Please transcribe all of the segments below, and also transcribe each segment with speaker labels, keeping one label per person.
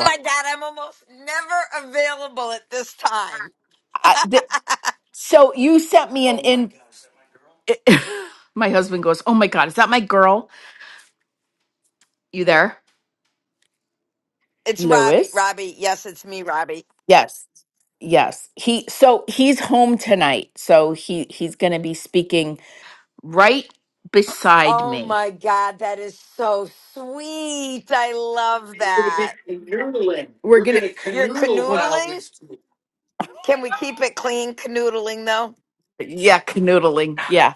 Speaker 1: my God, I'm almost never available at this time.
Speaker 2: I, th- so you sent me an in. my husband goes, "Oh my god, is that my girl? You there,
Speaker 1: It's Robbie.
Speaker 2: Lewis?"
Speaker 1: Robbie. Yes, it's me, Robbie.
Speaker 2: Yes, yes. He so he's home tonight, so he he's going to be speaking right beside
Speaker 1: Oh
Speaker 2: me.
Speaker 1: my God, that is so sweet. I love that.
Speaker 2: We're gonna
Speaker 1: You're
Speaker 2: canoodle we're- while we
Speaker 1: canoodling?
Speaker 2: speak.
Speaker 1: Can we keep it clean canoodling though?
Speaker 2: Yeah, canoodling. Yeah.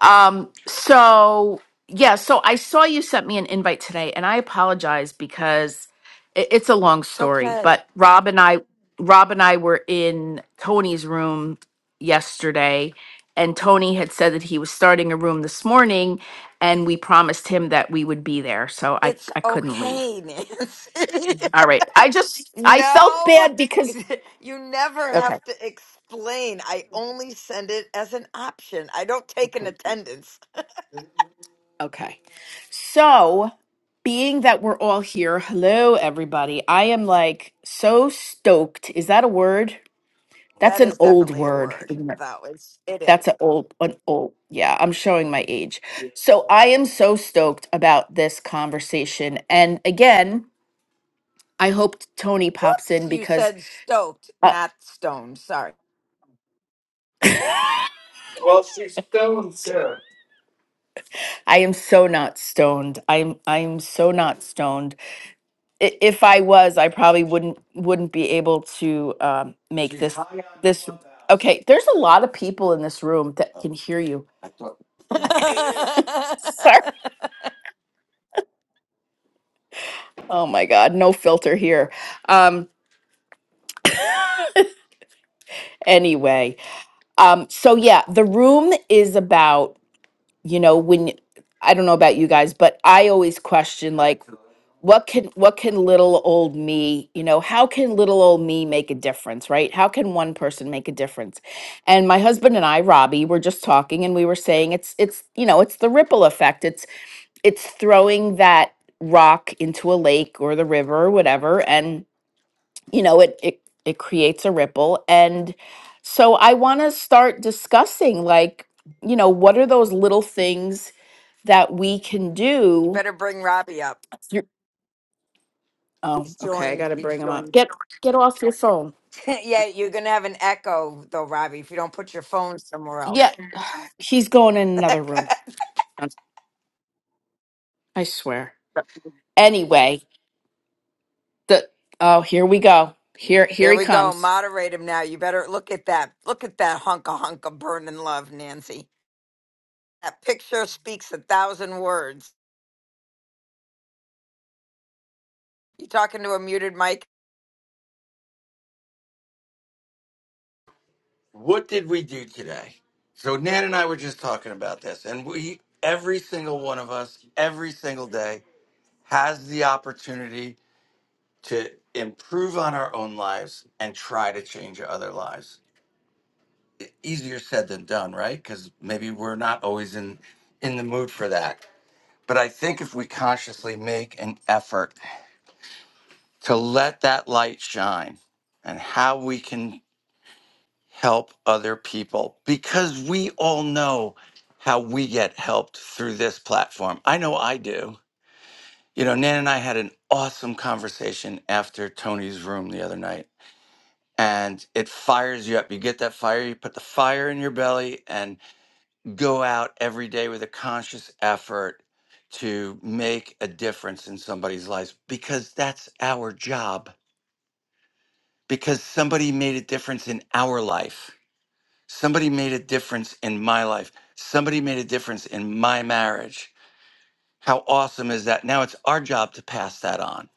Speaker 2: Um, so yeah, so I saw you sent me an invite today, and I apologize because it, it's a long
Speaker 1: It's
Speaker 2: story.
Speaker 1: okay.
Speaker 2: But Rob and I, Rob and I were in Tony's room yesterday, and Tony had said that he was starting a room this morning, and we promised him that we would be there. So I
Speaker 1: It's
Speaker 2: I couldn't leave.
Speaker 1: okay, Nancy.
Speaker 2: All right, I just I felt
Speaker 1: no,
Speaker 2: bad because.
Speaker 1: you never
Speaker 2: okay.
Speaker 1: have to explain. I only send it as an option. I don't take an attendance.
Speaker 2: Okay. So, being that we're all here, hello everybody. I am like so stoked. Is that a word? That's
Speaker 1: That
Speaker 2: an
Speaker 1: is
Speaker 2: old
Speaker 1: definitely a
Speaker 2: word.
Speaker 1: word,
Speaker 2: isn't it?
Speaker 1: though. It's it
Speaker 2: That's
Speaker 1: is.
Speaker 2: an old an old. Yeah, I'm showing my age. Yeah. So, I am so stoked about this conversation. And again, I hope Tony pops
Speaker 1: Whoops,
Speaker 2: in
Speaker 1: you
Speaker 2: because
Speaker 1: said stoked,
Speaker 2: uh,
Speaker 1: not stoned. Sorry.
Speaker 2: I am so not stoned. I'm I'm so not stoned. I- if I was, I probably wouldn't wouldn't be able to um, make She's this high on this. Clubhouse. Okay, there's a lot of people in this room that can hear you. Sorry. Oh my God, no filter here. Um, anyway, um, so yeah, the room is about you know when i don't know about you guys but i always question like what can what can little old me you know how can little old me make a difference right how can one person make a difference and my husband and i robbie were just talking and we were saying it's it's you know it's the ripple effect it's it's throwing that rock into a lake or the river or whatever and you know it it, it creates a ripple and so i want to start discussing like you know what are those little things that we can
Speaker 1: you
Speaker 2: do
Speaker 1: better bring Robbie up.
Speaker 2: through oh
Speaker 1: He's
Speaker 2: okay i
Speaker 1: joined.
Speaker 2: gotta
Speaker 1: He's
Speaker 2: bring him up
Speaker 1: joined it.
Speaker 2: get get off your phone
Speaker 1: yeah, you're gonna have an echo though, Robbie, if you don't put your phone somewhere
Speaker 2: yeah
Speaker 1: else.
Speaker 2: he's going in another room Um, i swear anyway the oh here we go here here
Speaker 1: there
Speaker 2: he
Speaker 1: we go.
Speaker 2: comes
Speaker 1: Moderate him now. You better look at that. Look at that hunk of hunk of burning love, Nancy. That picture speaks a thousand words. You talking to a muted mic?
Speaker 3: what did we do today? So Nan and I were just talking about this, and we every single one of us every single day has the opportunity to improve on our own lives and try to change other lives. E- Easier said than done, right? Because maybe we're not always in in the mood for that. But I think if we consciously make an effort to let that light shine and how we can help other people because we all know how we get helped through this platform. I know I do. You know, Nan and I had an awesome conversation after Tony's room the other night, and it fires you up. You get that fire, you put the fire in your belly, and go out every day with a conscious effort to make a difference in somebody's life because that's our job, because somebody made a difference in our life Somebody made a difference in my life. Somebody made a difference in my marriage. How awesome is that? Now it's our job to pass that on.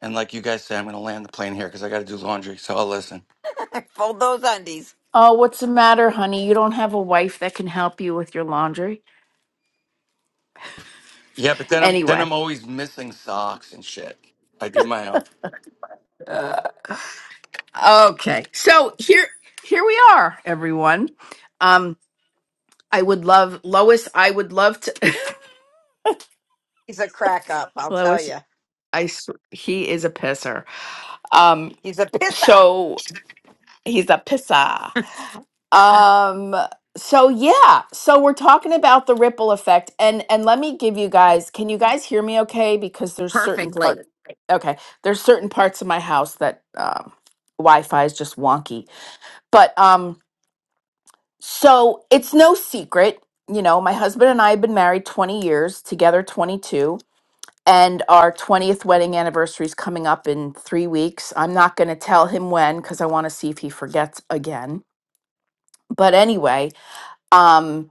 Speaker 3: And like you guys said, I'm going to land the plane here because I got to do laundry. So I'll listen.
Speaker 1: Fold those undies.
Speaker 2: oh what's the matter honey you don't have a wife that can help you with your laundry
Speaker 3: Yeah, but then I'm then
Speaker 2: anyway
Speaker 3: I'm always missing socks and shit. I do my own.
Speaker 2: uh, okay so here here we are everyone um i would love lois i would love to
Speaker 1: He's a crack up, I'll tell
Speaker 2: lois
Speaker 1: you.
Speaker 2: i sw- he is a pisser um
Speaker 1: He's a pisser.
Speaker 2: so He's a pisser. Um so yeah, so we're talking about the ripple effect and and let me give you guys, can you guys hear me okay because there's certain
Speaker 1: Perfectly.
Speaker 2: parts okay, there's certain parts of my house that um Wi-Fi is just wonky. But um so it's no secret, you know, my husband and I have been married 20 years, together 22. And our 20th wedding anniversary is coming up in three weeks. I'm not going to tell him when because I want to see if he forgets again. But anyway, Um,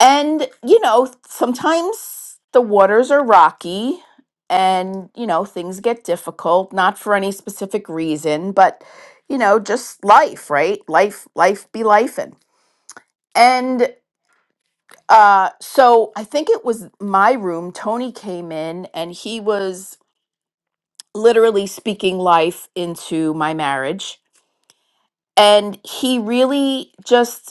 Speaker 2: and, you know, sometimes the waters are rocky and, you know, things get difficult, not for any specific reason, but, you know, just life, right? Life, life be life. and uh, so I think it was my room. Tony came in and he was literally speaking life into my marriage. And he really just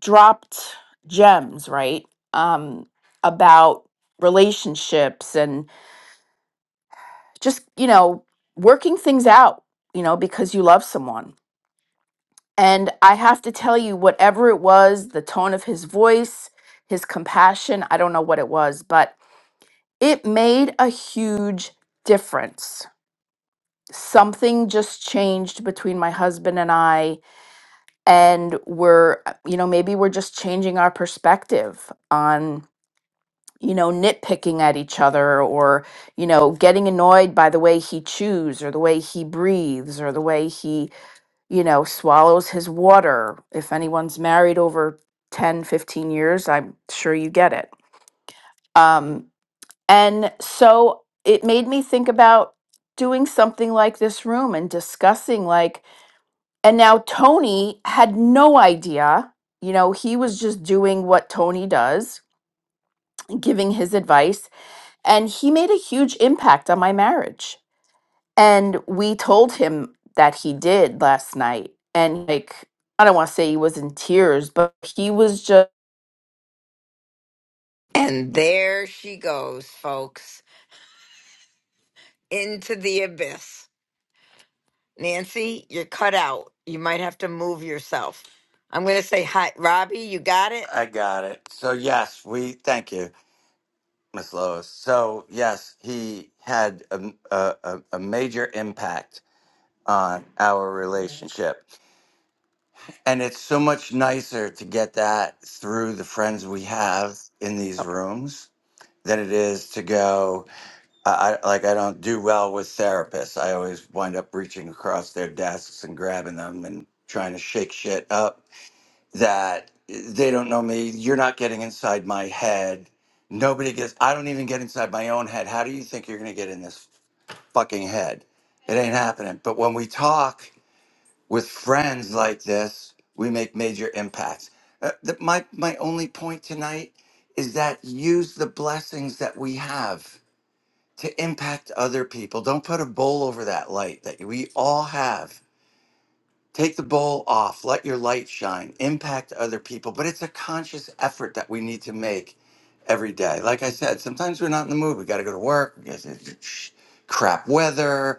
Speaker 2: dropped gems, right? Um, about relationships and just, you know, working things out, you know, because you love someone. And I have to tell you, whatever it was, the tone of his voice, his compassion, I don't know what it was, but it made a huge difference. Something just changed between my husband and I, and we're, uh, you know, maybe we're just changing our perspective on you know, nitpicking at each other or, you know, getting annoyed by the way he chews or the way he breathes or the way he, you know, swallows his water. If anyone's married over 10, 15 years, I'm sure you get it. Um, and so it made me think about doing something like this room and discussing, like, and now Tony had no idea, you know, he was just doing what Tony does, giving his advice And he made a huge impact on my marriage. And we told him that he did last night. And like, I don't want to say he was in tears, but he was just,
Speaker 1: And there she goes, folks, into the abyss. Nancy, you're cut out. You might have to move yourself. I'm going to say hi. Robbie, you got it?
Speaker 3: I got it. So yes, we thank you, Miss Lois. So yes, he had a, a, a a major impact on our relationship. And it's so much nicer to get that through the friends we have in these rooms than it is to go. I, I like I don't do well with therapists. I always wind up reaching across their desks and grabbing them and trying to shake shit up. That they don't know me. You're not getting inside my head. Nobody gets. I don't even get inside my own head. How do you think you're gonna get in this fucking head? It ain't happening. But when we talk with friends like this, we make major impacts. Uh, the, my, my only point tonight is that use the blessings that we have to impact other people. Don't put a bowl over that light that we all have. Take the bowl off, let your light shine, impact other people. But it's a conscious effort that we need to make every day. Like I said, sometimes we're not in the mood. We got to go to work, we got crap weather,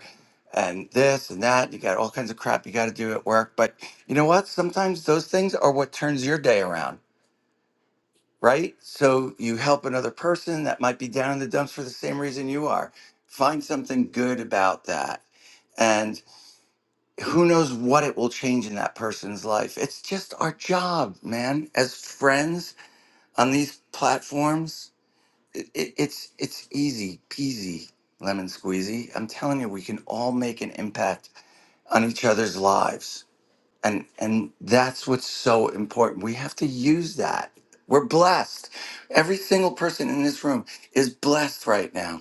Speaker 3: and this and that. You got all kinds of crap you got to do at work. But you know what? Sometimes those things are what turns your day around, right? So you help another person that might be down in the dumps for the same reason you are. Find something good about that. and who knows what it will change in that person's life. It's just our job, man. As friends on these platforms, it, it, it's it's easy peasy, lemon squeezy. I'm telling you, we can all make an impact on each other's lives, and and that's what's so important. We have to use that. We're blessed. Every single person in this room is blessed right now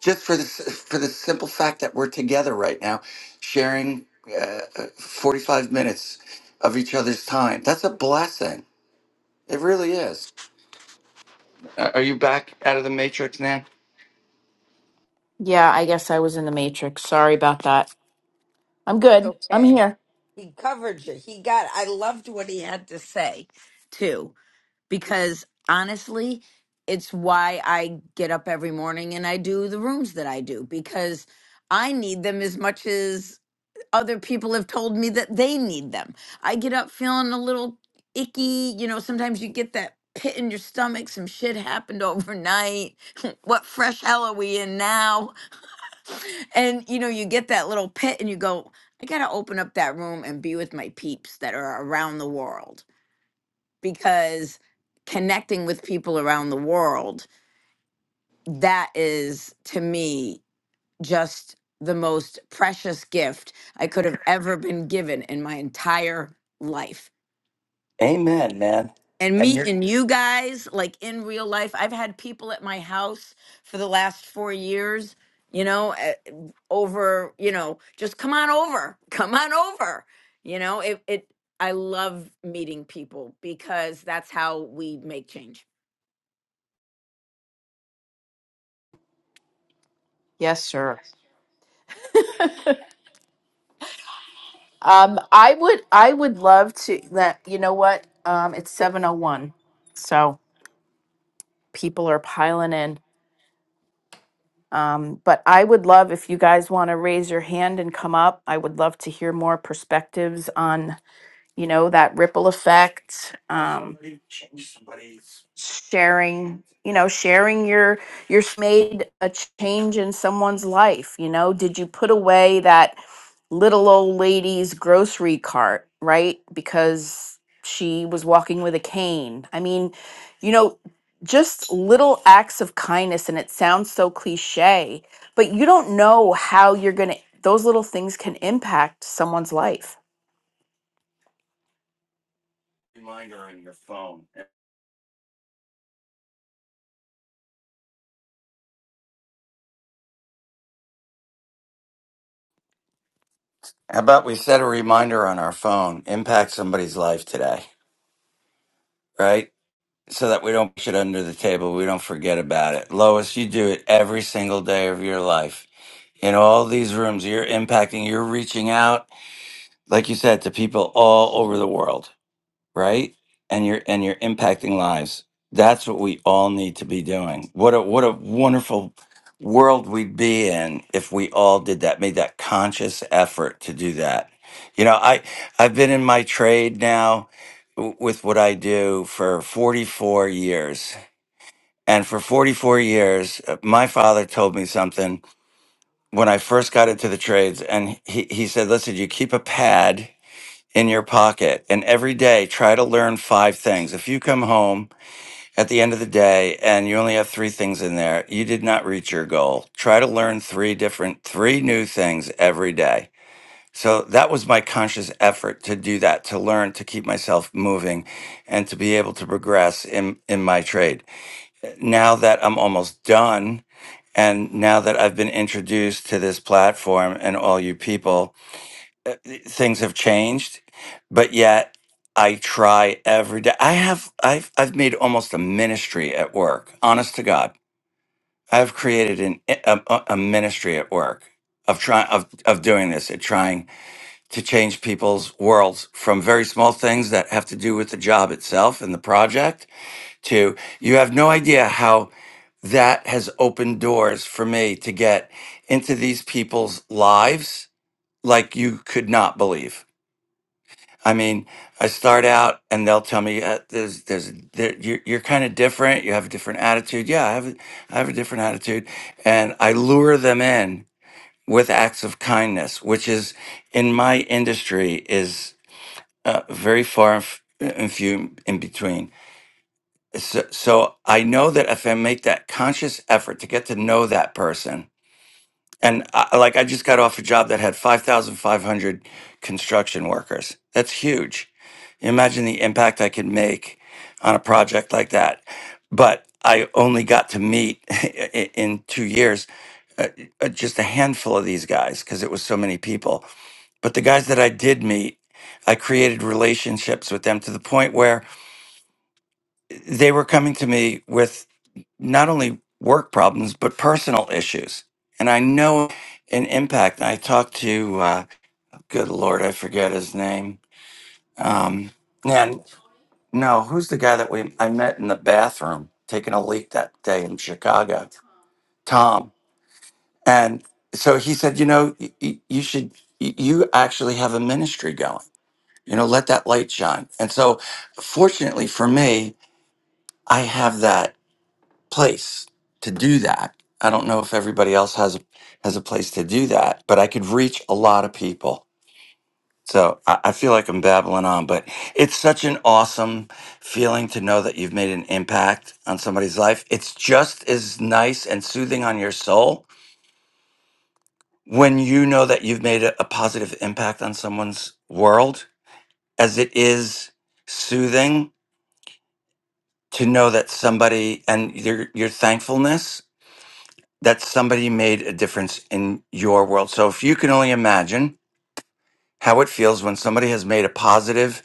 Speaker 3: just for this for the simple fact that we're together right now sharing uh, 45 minutes of each other's time that's a blessing it really is Uh, are you back out of the matrix man
Speaker 2: yeah, I guess I was in the matrix. Sorry about that. I'm
Speaker 1: It's
Speaker 2: good. I'm
Speaker 1: okay.
Speaker 2: here.
Speaker 1: He covered you. He got I loved what he had to say, too, because honestly, it's why I get up every morning and I do the rooms that I do because I need them as much as other people have told me that they need them. I get up feeling a little icky. You know, sometimes you get that pit in your stomach. Some shit happened overnight. what fresh hell are we in now? And, you know, you get that little pit and you go, I got to open up that room and be with my peeps that are around the world because connecting with people around the world, that is to me just the most precious gift I could have ever been given in my entire life.
Speaker 3: amen man
Speaker 1: And
Speaker 3: and you're
Speaker 1: meeting you guys, like in real life, I've had people at my house for the last four years, you know, eh, over, you know, just come on over, come on over. You know, it, it, I love meeting people because that's how we make change.
Speaker 2: Yes, sir. Um, I would, I would love to. That you know what? Um, it's seven oh one, so people are piling in. Um, but I would love if you guys want to raise your hand and come up. I would love to hear more perspectives on you know that ripple effect um sharing you know sharing your your s- made a change in someone's life you know did you put away that little old lady's grocery cart right because she was walking with a cane i mean you know just little acts of kindness and it sounds so cliche but you don't know how you're going to those little things can impact someone's life How about we set a reminder on our phone, impact somebody's life today, right? So that we don't push it under the table. We don't forget about it. Lois, you do it every single day of your life. In all these rooms, you're impacting, you're reaching out, like you said, to people all over the world right? And you're and you're impacting lives. That's what we all need to be doing. What a what a wonderful world we'd be in if we all did that, made that conscious effort to do that. You know, I I've been in my trade now w- with what I do for 44 years. And for 44 years, uh, my father told me something when I first got into the trades and he, he said, "Listen, you keep a pad in your pocket and every day try to learn five things. If you come home at the end of the day and you only have three things in there, you did not reach your goal. Try to learn three different, three new things every day. So that was my conscious effort to do that, to learn, to keep myself moving and to be able to progress in, in my trade. Now that I'm almost done, and now that I've been introduced to this platform and all you people, uh, things have changed, but yet I try every day. I have I've I've made almost a ministry at work. Honest to God, I've created an eh, a, a a ministry at work of trying of of doing this, at trying to change people's worlds from very small things that have to do with the job itself and the project to you have no idea how that has opened doors for me to get into these people's lives like you could not believe I mean, I start out and they'll tell me uh, there's there's there, you're, you're kind of different. You have a different attitude. Yeah, I have a, I have a different attitude, and I lure them in with acts of kindness, which is in my industry is uh, very far and, f- and few in between. So, so I know that if I make that conscious effort to get to know that person and I, like I just got off a job that had 5,500 construction workers. That's huge. Imagine the impact I could make on a project like that. But I only got to meet i- in two years uh, uh, just a handful of these guys because it was so many people. But the guys that I did meet, I created relationships with them to the point where they were coming to me with not only work problems but personal issues and i know in impact i talked to uh, good lord i forget his name um, and no who's the guy that we i met in the bathroom taking a leak that day in chicago tom and so he said you know y- y- you should y- you actually have a ministry going you know let that light shine and so fortunately for me i have that place to do that. I don't know if everybody else has a, has a place to do that, but I could reach a lot of people. So I, I feel like I'm babbling on, but it's such an awesome feeling to know that you've made an impact on somebody's life. It's just as nice and soothing on your soul when you know that you've made a, a positive impact on someone's world as it is soothing to know that somebody and your your thankfulness that somebody made a difference in your world. So if you can only imagine how it feels when somebody has made a positive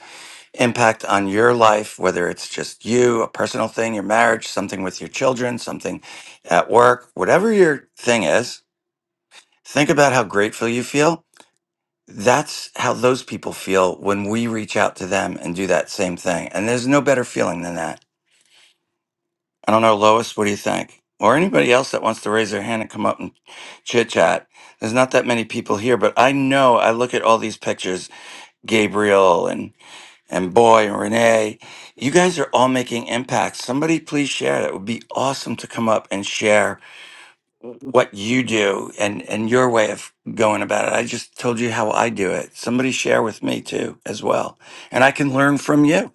Speaker 2: impact on your life, whether it's just you, a personal thing, your marriage, something with your children, something at work, whatever your thing is, think about how grateful you feel. That's how those people feel when we reach out to them and do that same thing. And there's no better feeling than that. I don't know, Lois, what do you think? Or anybody else that wants to raise their hand and come up and chit chat. There's not that many people here, but I know I look at all these pictures, Gabriel and and Boy and Renee. You guys are all making impacts. Somebody please share. It would be awesome to come up and share what you do and and your way of going about it. I just told you how I do it. Somebody share with me too as well, and I can learn from you.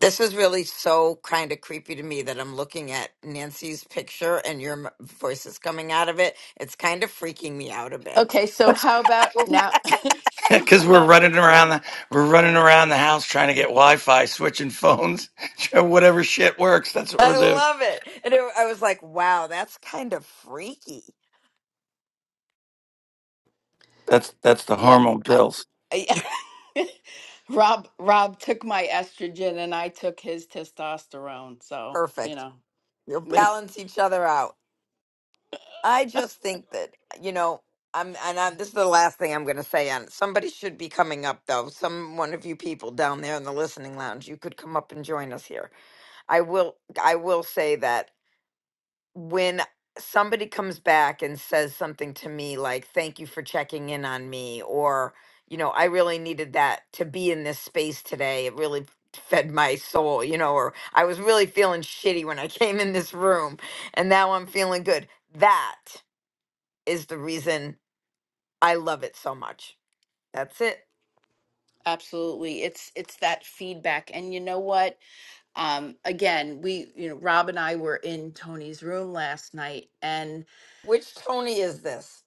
Speaker 1: This is really so kind of creepy to me that I'm looking at Nancy's picture and your m- voice is coming out of it. It's kind of freaking me out a bit.
Speaker 3: Okay, so how about now? so how
Speaker 2: because we're
Speaker 3: about
Speaker 2: running around the we're running around the house trying to get Wi-Fi, switching phones, whatever shit works. That's what we're
Speaker 1: I
Speaker 2: doing.
Speaker 1: love it. And it, I was like, wow, that's kind of freaky.
Speaker 2: That's that's the
Speaker 3: yeah,
Speaker 2: hormone
Speaker 3: I,
Speaker 2: pills.
Speaker 3: I Rob Rob took my estrogen and I took his testosterone. So, you
Speaker 1: Perfect.
Speaker 3: know,
Speaker 1: You'll balance each other out. I just think that, you know, I'm, and I'm, this is the last thing I'm going to say on it. Somebody should be coming up, though. Some one of you people down there in the listening lounge, you could come up and join us here. I will, I will say that when somebody comes back and says something to me like thank you for checking in on me or you know i really needed that to be in this space today it really fed my soul you know or i was really feeling shitty when i came in this room and now i'm feeling good that is the reason i love it so much that's it
Speaker 3: absolutely. It's it's that feedback. And you know what? um again we you know rob and i were in tony's room last night and
Speaker 1: which tony is this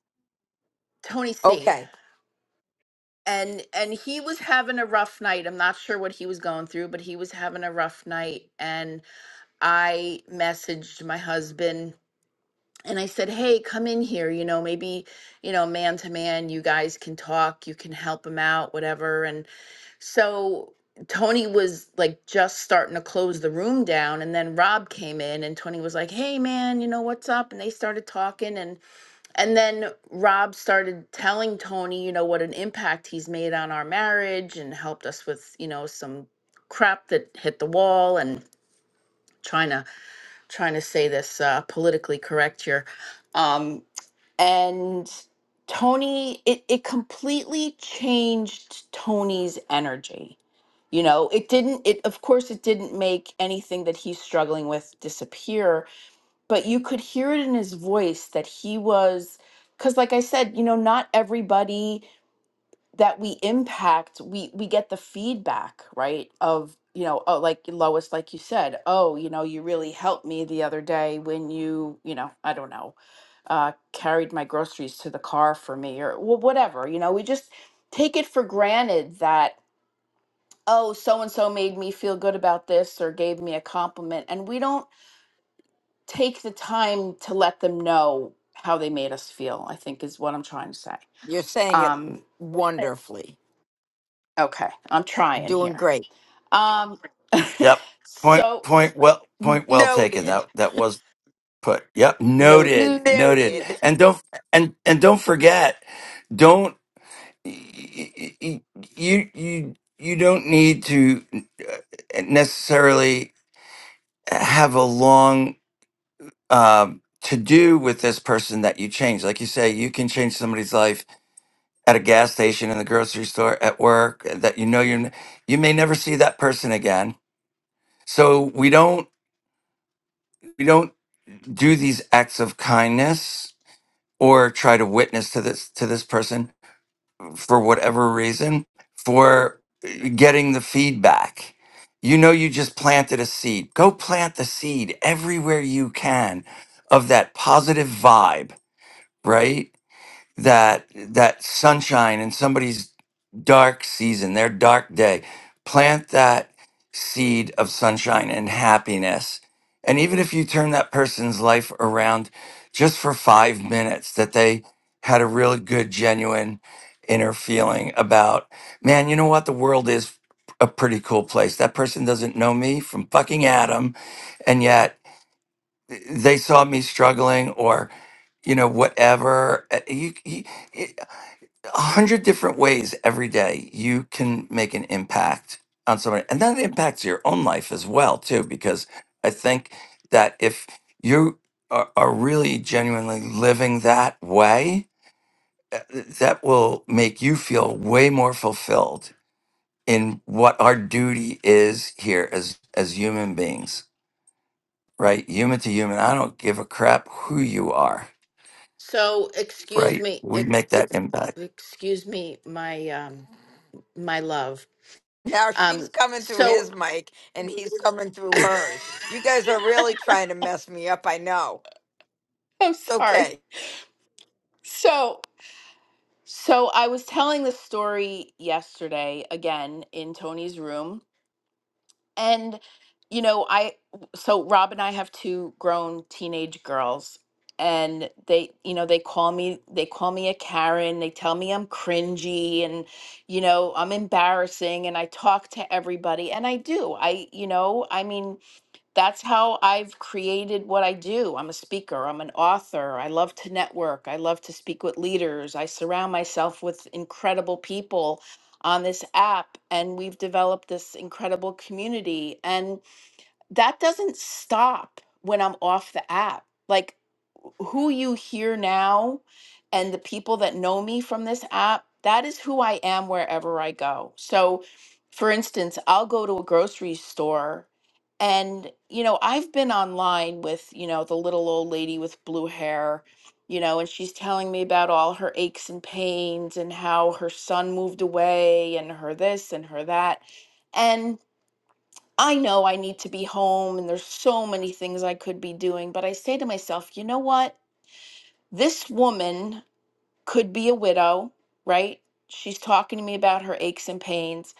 Speaker 3: tony c
Speaker 1: okay
Speaker 3: and and he was having a rough night i'm not sure what he was going through but he was having a rough night and i messaged my husband and i said hey come in here you know maybe you know man to man you guys can talk you can help him out whatever And So Tony was like just starting to close the room down and then Rob came in and Tony was like, "Hey man, you know what's up?" and they started talking and and then Rob started telling Tony, you know, what an impact he's made on our marriage and helped us with, you know, some crap that hit the wall and trying to trying to say this uh politically correct here. Um and Tony it it completely changed Tony's energy you know it didn't it of course it didn't make anything that he's struggling with disappear but you could hear it in his voice that he was because like i said you know not everybody that we impact we we get the feedback right of you know oh like lois like you said oh you know you really helped me the other day when you you know i don't know uh carried my groceries to the car for me or wh- whatever you know we just take it for granted that oh, so and so made me feel good about this or gave me a compliment. And we don't take the time to let them know how they made us feel, I think is what I'm trying to say.
Speaker 1: you're saying it
Speaker 3: Um,
Speaker 1: wonderfully
Speaker 3: okay, I'm
Speaker 1: you're
Speaker 3: trying
Speaker 1: doing
Speaker 3: here.
Speaker 1: great
Speaker 3: Um,
Speaker 2: Yep. Point
Speaker 3: so
Speaker 2: point well point well taken.
Speaker 1: noted
Speaker 2: That that was put. Yep.
Speaker 3: noted.
Speaker 2: Noted. Noted.
Speaker 1: noted
Speaker 2: And don't and and don't forget. Don't y- y- y- you you you don't need to uh, necessarily have a long um, to do with this person that you change. Like you say, you can change somebody's life at a gas station, in the grocery store, at work. uh, That you know you you may never see that person again. So we don't we don't do these acts of kindness or try to witness to this to this person for whatever reason for uh, getting the feedback. You know, you just planted a seed. Go plant the seed everywhere you can of that positive vibe, right? that that sunshine in somebody's dark season, their dark day. Plant that seed of sunshine and happiness. And even if you turn that person's life around just for five minutes, that they had a really good, genuine inner feeling about, man, you know what? The world is a pretty cool place. That person doesn't know me from fucking Adam. And yet they saw me struggling or, you know, whatever. Uh, You, you- a hundred different ways every day you can make an impact on somebody and that impacts your own life as well too because i think that if you are, are really genuinely living that way uh, that will make you feel way more fulfilled in what our duty is here as as human beings right human to human i don't give a crap who you are
Speaker 3: So, excuse
Speaker 2: right
Speaker 3: me,
Speaker 2: we
Speaker 3: ex-
Speaker 2: make that
Speaker 3: ex-
Speaker 2: impact
Speaker 3: excuse me, my um, my love.
Speaker 1: Now she's
Speaker 3: Um,
Speaker 1: coming through
Speaker 3: so
Speaker 1: his mic and he's coming through hers. You guys are really trying to mess me up, I know.
Speaker 3: I'm
Speaker 1: It's
Speaker 3: sorry.
Speaker 1: okay.
Speaker 3: So, so I was telling this story yesterday again in Tony's room, and you know, I so Rob and I have two grown teenage girls, and they, you know, they call me they call me a Karen. They tell me I'm cringy and you know I'm embarrassing, and I talk to everybody, and I do. I, you know, I mean that's how I've created what I do. I'm a speaker, I'm an author. I love to network, I love to speak with leaders. I surround myself with incredible people on this app, and we've developed this incredible community. And that doesn't stop when I'm off the app. Like who you hear now and the people that know me from this app, that is who I am wherever I go. So, for instance, I'll go to a grocery store and, you know, I've been online with, you know, the little old lady with blue hair, you know, and she's telling me about all her aches and pains and how her son moved away and her this and her that. and. I know I need to be home and there's so many things I could be doing, but I say to myself, you know what? This woman could be a widow, right? She's talking to me about her aches and pains.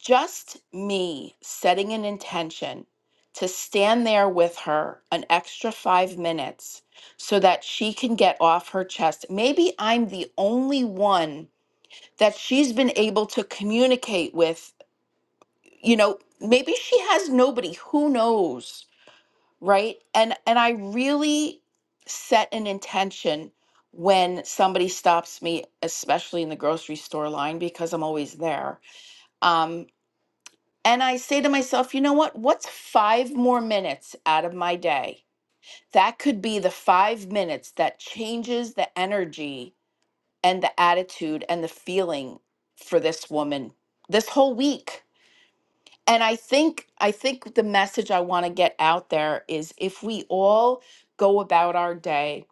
Speaker 3: Just me setting an intention to stand there with her an extra five minutes so that she can get off her chest. Maybe I'm the only one that she's been able to communicate with, you know, maybe she has nobody, who knows? right and and i really set an intention when somebody stops me especially in the grocery store line because i'm always there um and i say to myself you know what what's five more minutes out of my day that could be the five minutes that changes the energy and the attitude and the feeling for this woman this whole week and i think i think the message i want to get out there is if we all go about our day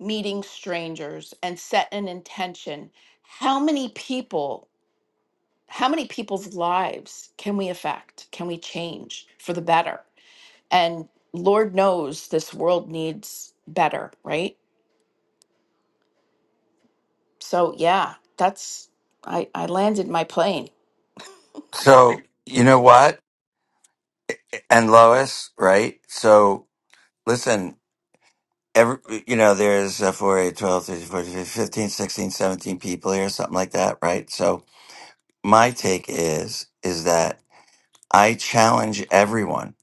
Speaker 3: meeting strangers and set an intention how many people how many people's lives can we affect can we change for the better and lord knows this world needs better right so yeah that's i i landed my plane
Speaker 2: so you know what and Lois, right? So listen, every you know, there's uh, 4, eight, twelve, thirteen, fourteen, fifteen, sixteen, seventeen people here, something like that, right? So my take is is that I challenge everyone.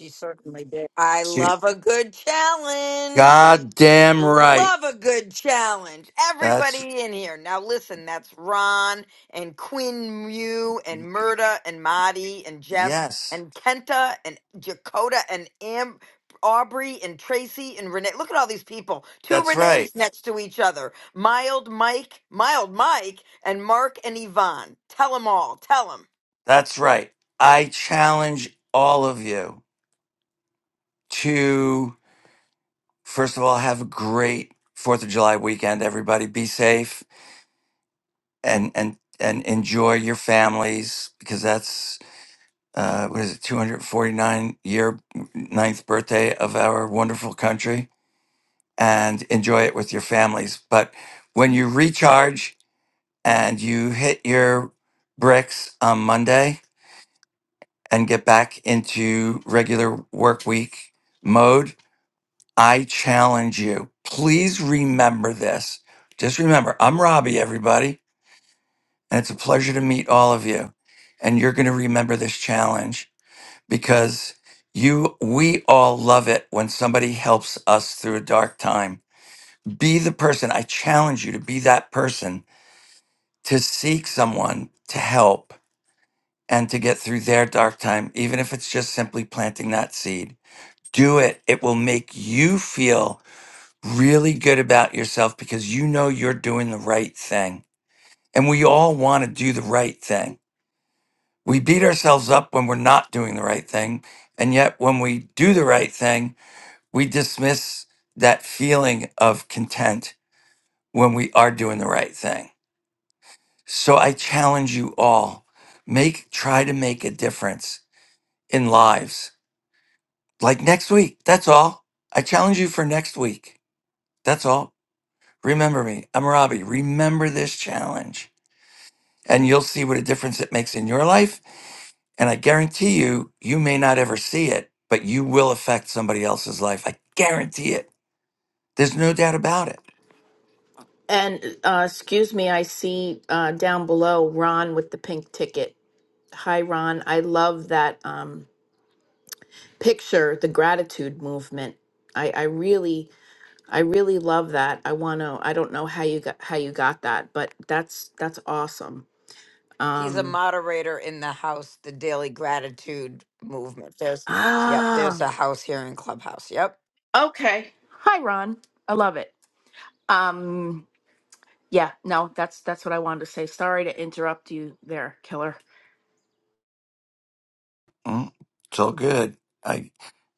Speaker 1: She certainly did. I
Speaker 2: Shoot,
Speaker 1: love a good challenge.
Speaker 2: God damn right.
Speaker 1: Love a good challenge.
Speaker 2: That's
Speaker 1: Everybody in here. Now listen, that's Ron and Quinn Mew and Murda and Marty and Jeff
Speaker 2: yes.
Speaker 1: and Kenta and Dakota and Am Aubrey and Tracy and Renee. Look at all these people. Two
Speaker 2: That's right.
Speaker 1: Renees next to each other. Mild Mike, Mild Mike, and Mark and Yvonne. Tell them all. Tell them.
Speaker 2: That's right. I challenge all of you to first of all have a great 4th of July weekend everybody. Be safe and and and enjoy your families because that's uh, what is it 249 year ninth birthday of our wonderful country and enjoy it with your families but when you recharge and you hit your bricks on monday and get back into regular work week mode i challenge you please remember this just remember i'm robbie everybody And it's a pleasure to meet all of you. And you're going to remember this challenge because you we all love it when somebody helps us through a dark time. Be the person. I challenge you to be that person to seek someone to help and to get through their dark time, even if it's just simply planting that seed. Do it. It will make you feel really good about yourself because you know you're doing the right thing. And we all want to do the right thing We beat ourselves up when we're not doing the right thing. And yet, when we do the right thing, we dismiss that feeling of content when we are doing the right thing. So I challenge you all make, try to make a difference in lives. Like next week, that's all. I challenge you for next week. That's all. Remember me. I'm Robbie. Remember this challenge. and you'll see what a difference it makes in your life. And I guarantee you, you may not ever see it, but you will affect somebody else's life. I guarantee it. There's no doubt about it.
Speaker 3: and uh, excuse me i see uh, down below ron with the pink ticket Hi, Ron. I love that um, picture, the gratitude movement. I, I really, I really love that. I want to. I don't know how you got how you got that, but that's that's awesome.
Speaker 1: He's a
Speaker 3: Um,
Speaker 1: moderator in the house, the Daily Gratitude Movement. There's, yep,
Speaker 3: ah,
Speaker 1: there's a house here in Clubhouse. Yep.
Speaker 3: okay. Hi, Ron. I love it. Um, yeah. No, that's that's what I wanted to say. Sorry to interrupt you there, Killer.
Speaker 2: Mm, it's all good. I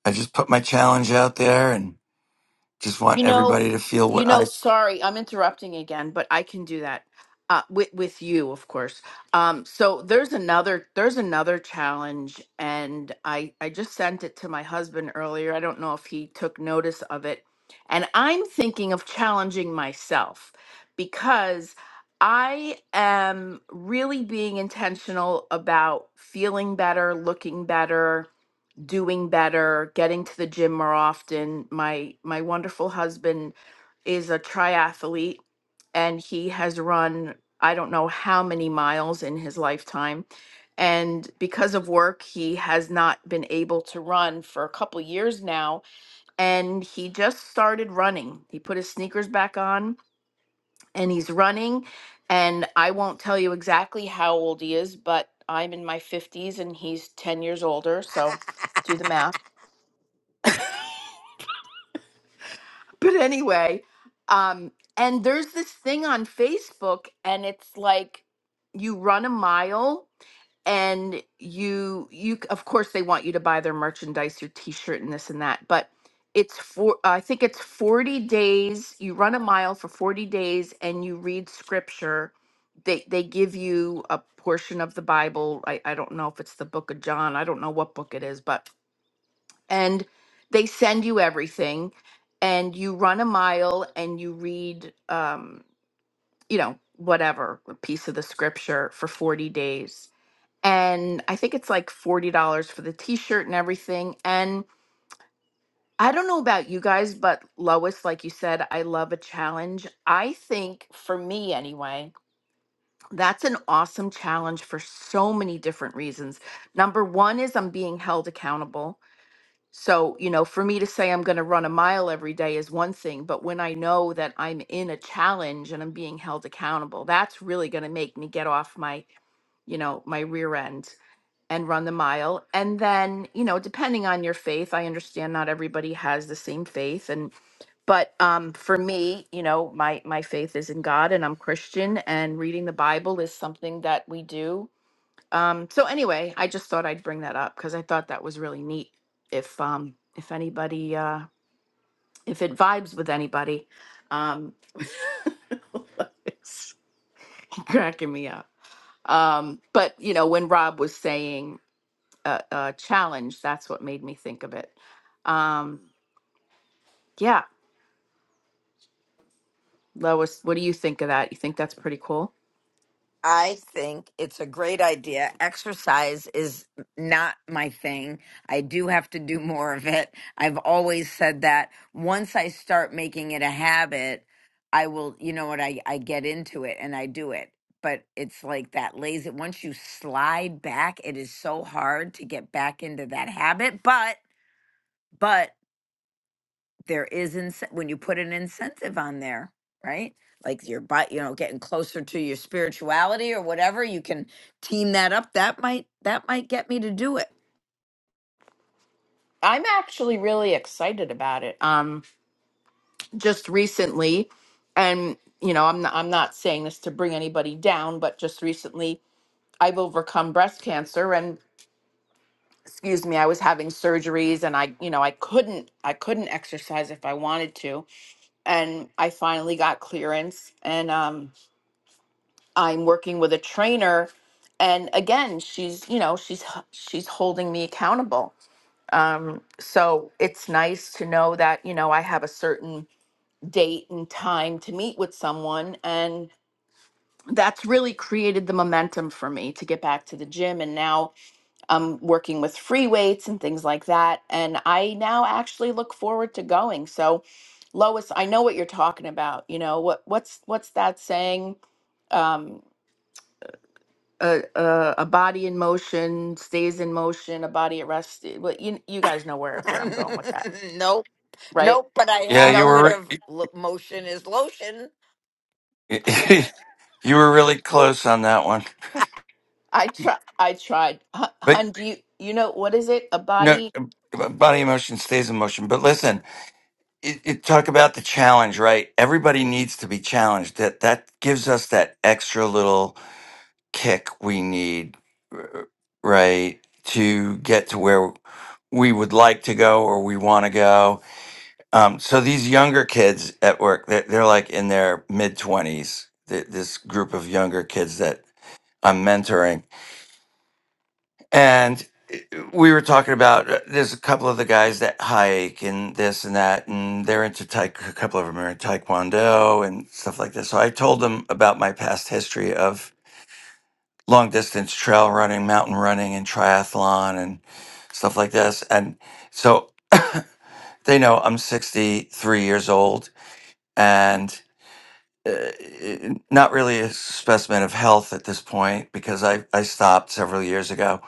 Speaker 2: I just put my challenge out there and just want
Speaker 3: You know,
Speaker 2: everybody to feel
Speaker 3: you
Speaker 2: what I.
Speaker 3: know,
Speaker 2: s-
Speaker 3: sorry, I'm interrupting again, but I can do that. Uh, with with you, of course. Um, so there's another there's another challenge, and I I just sent it to my husband earlier. I don't know if he took notice of it, and I'm thinking of challenging myself because I am really being intentional about feeling better, looking better, doing better, getting to the gym more often. My my wonderful husband is a triathlete and he has run I don't know how many miles in his lifetime. And because of work, he has not been able to run for a couple years now. And he just started running. He put his sneakers back on and he's running. And I won't tell you exactly how old he is, but I'm in my 50s and he's 10 years older. So do the math but anyway, um, and there's this thing on Facebook, and it's like you run a mile, and you you of course they want you to buy their merchandise, your T-shirt, and this and that, but it's for I think it's 40 days. You run a mile for 40 days, and you read scripture. They they give you a portion of the Bible. I I don't know if it's the Book of John. I don't know what book it is, but and they send you everything and you run a mile and you read um you know whatever a piece of the scripture for 40 days and i think it's like $40 for the t-shirt and everything and i don't know about you guys but lois like you said i love a challenge i think for me anyway that's an awesome challenge for so many different reasons number one is i'm being held accountable So, you know, for me to say I'm going to run a mile every day is one thing, but when I know that I'm in a challenge and I'm being held accountable, that's really going to make me get off my, you know, my rear end and run the mile. And then, you know, depending on your faith, I understand not everybody has the same faith and but um for me, you know, my my faith is in God and I'm Christian and reading the Bible is something that we do um, so anyway, I just thought I'd bring that up because I thought that was really neat. If um, if anybody, uh, if it vibes with anybody, um, it's cracking me up. Um, but you know, when Rob was saying uh, uh, challenge, that's what made me think of it. Um, yeah, Lois, what do you think of that? You think that's pretty cool?
Speaker 1: I think it's a great idea. Exercise is not my thing. I do have to do more of it. I've always said that. Once I start making it a habit, I will, you know what, I, I get into it and I do it. But it's like that lazy, once you slide back, it is so hard to get back into that habit. But, but there is ince- when you put an incentive on there right like your butt you know getting closer to your spirituality or whatever you can team that up that might that might get me to do it
Speaker 3: I'm actually really excited about it. Um, just recently, and you know, I'm not, I'm not saying this to bring anybody down, but just recently I've overcome breast cancer and excuse me, I was having surgeries and I, you know, I couldn't I couldn't exercise if I wanted to. And I finally got clearance and um I'm working with a trainer and again, she's, you know, she's h- she's holding me accountable. Um so it's nice to know that, you know, I have a certain date and time to meet with someone and that's really created the momentum for me to get back to the gym and now i working with free weights and things like that. And I now actually look forward to going. So, Lois, I know what you're talking about. You know what what's what's that saying? Um, a, a a body in motion stays in motion. A body at rest. i- Well, you you guys know where where I'm going with that,
Speaker 1: nope
Speaker 3: right?
Speaker 1: nope but i
Speaker 2: Yeah,
Speaker 1: have
Speaker 2: you
Speaker 3: No, you
Speaker 1: heard
Speaker 3: don't.
Speaker 2: were
Speaker 1: of lo- motion is lotion
Speaker 2: re- you were really close on that one,
Speaker 3: I try. I tried. Hun,
Speaker 2: but
Speaker 3: hun, do you you know what is it? A
Speaker 2: no,
Speaker 3: body.
Speaker 2: body emotion stays in motion. But listen. it, it talk about the challenge right everybody needs to be challenged that that gives us that extra little kick we need r- right to get to where we would like to go or we want to go um, so these younger kids at work they're, they're like in their mid-20s this group of younger kids that i'm mentoring and uh, we were talking about uh, there's a couple of the guys that hike and this and that and they're into taek- a couple of them are in taekwondo and stuff like this so i told them about my past history of long distance trail running mountain running and triathlon and stuff like this and so they know i'm 63 years old and uh, not really a specimen of health at this point because I, I stopped several years ago,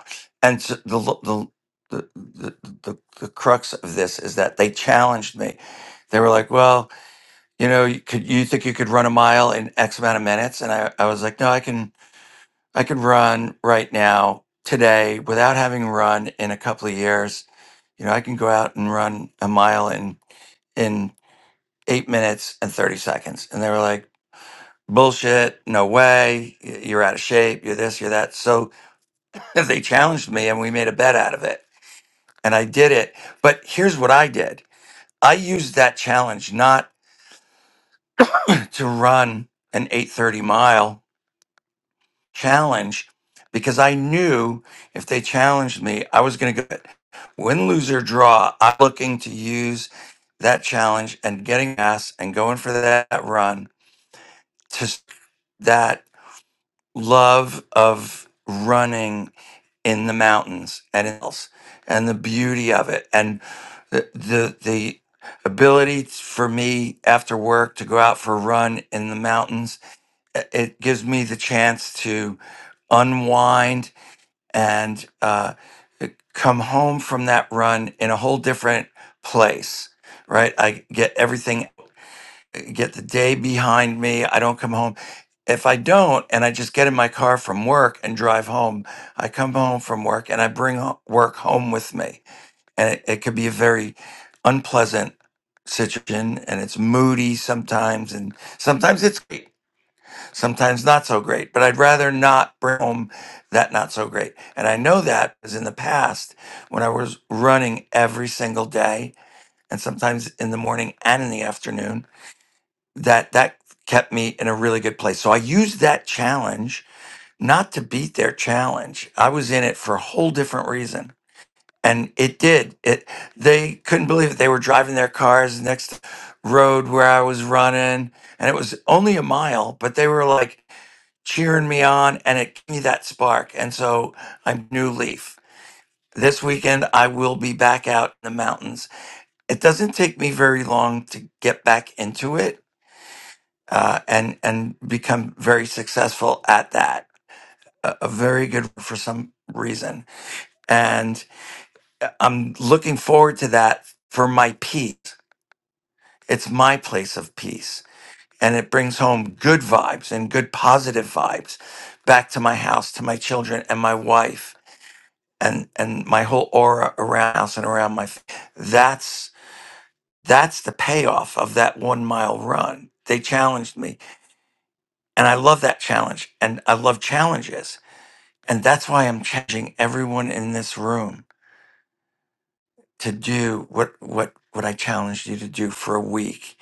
Speaker 2: and so the, l- the the the the the crux of this is that they challenged me. They were like, "Well, you know, you could you think you could run a mile in X amount of minutes?" And I, I was like, "No, I can I can run right now today without having run in a couple of years. You know, I can go out and run a mile in in eight minutes and thirty seconds." And they were like bullshit, no way, y- you're out of shape, you're this, you're that. So they challenged me and we made a bet out of it. And I did it. But here's what I did. I used that challenge not to run an 830 mile challenge because I knew if they challenged me, I was going to go. win, lose, or draw. I'm looking to use that challenge and getting ass and going for that run to s- that love of running in the mountains and else and the beauty of it and the the, the ability for me after work to go out for a run in the mountains i- it gives me the chance to unwind and uh, e, come home from that run in a whole different place right i get everything get the day behind me. I don't come home. If I don't, and I just get in my car from work and drive home, I come home from work and I bring ho- work home with me. And it, it could be a very unpleasant situation and it's moody sometimes. And sometimes it's great, sometimes not so great. But I'd rather not bring home that not so great. And I know that because in the past, when I was running every single day, and sometimes in the morning and in the afternoon, that that kept me in a really good place. So I used that challenge not to beat their challenge. I was in it for a whole different reason. And it did. It they couldn't believe it. They were driving their cars next road where I was running and it was only a mile, but they were like cheering me on and it gave me that spark. And so I'm new leaf. This weekend I will be back out in the mountains. It doesn't take me very long to get back into it uh, and and become very successful at that. A, a very good for some reason, and I'm looking forward to that for my peace. It's my place of peace, and it brings home good vibes and good positive vibes back to my house, to my children, and my wife, and and my whole aura around us and around my. f- That's that's the payoff of that one mile run. They challenged me, and I love that challenge, and I love challenges And that's why I'm challenging everyone in this room to do what what what I challenged you to do for a week.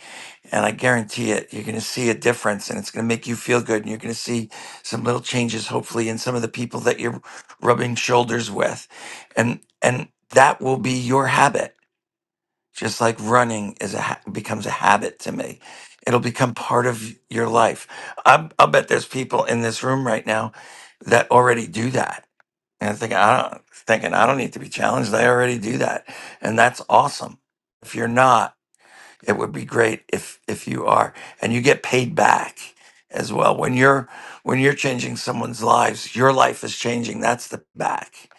Speaker 2: And I guarantee it, you're going to see a difference and it's going to make you feel good and you're going to see some little changes hopefully in some of the people that you're rubbing shoulders with. And and that will be your habit just like running is a ha- becomes a habit to me it'll become part of your life I'm, i'll bet there's people in this room right now that already do that and thinking i don't thinking i don't need to be challenged i already do that and that's awesome if you're not it would be great if if you are and you get paid back as well when you're when you're changing someone's lives your life is changing that's the back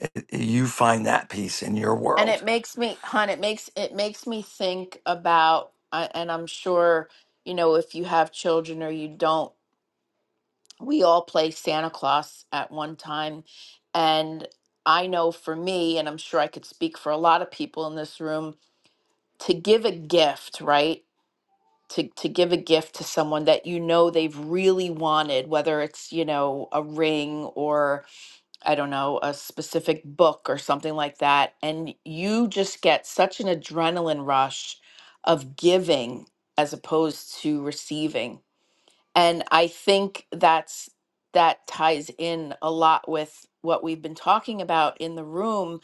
Speaker 2: it- you find that peace in your
Speaker 3: And it
Speaker 2: world.
Speaker 3: makes me, hon, it makes it makes me think about, I- and I'm sure, you know, if you have children or you don't, we all play Santa Claus at one time. And I know for me, and I'm sure I could speak for a lot of people in this room, to give a gift, right? To, to give a gift to someone that you know they've really wanted, whether it's, you know, a ring or. I don't know, a specific book or something like that. And you just get such an adrenaline rush of giving as opposed to receiving. And I think that's that ties in a lot with what we've been talking about in the room.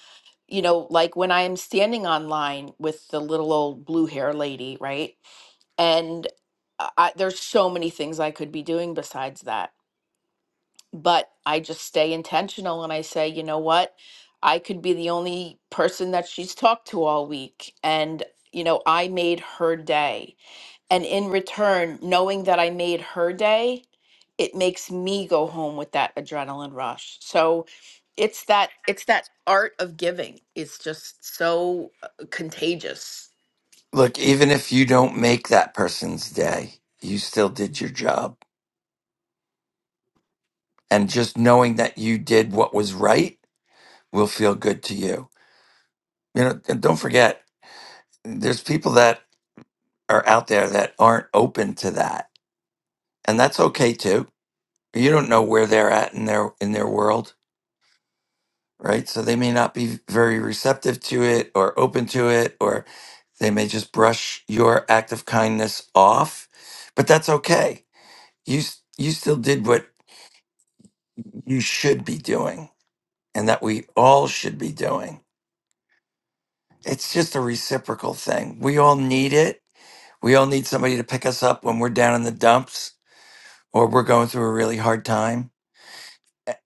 Speaker 3: You know, like when I am standing online with the little old blue hair lady, right? And I, I- there's so many things I could be doing besides that but I just stay intentional and I say, you know what? I could be the only person that she's talked to all week. And, you know, I made her day. And in return, knowing that I made her day, it makes me go home with that adrenaline rush. So it's that, it's that art of giving. It's just so uh, contagious.
Speaker 2: Look, even if you don't make that person's day, you still did your job. And just knowing that you did what was right will feel good to you. You know, and don't forget, there's people that are out there that aren't open to that. and that's okay too. You don't know where they're at in their in their world, right? So they may not be very receptive to it or open to it or they may just brush your act of kindness off, but that's okay. You s- you still did what you should be doing and that we all should be doing. It's just a reciprocal thing. We all need it. We all need somebody to pick us up when we're down in the dumps or we're going through a really hard time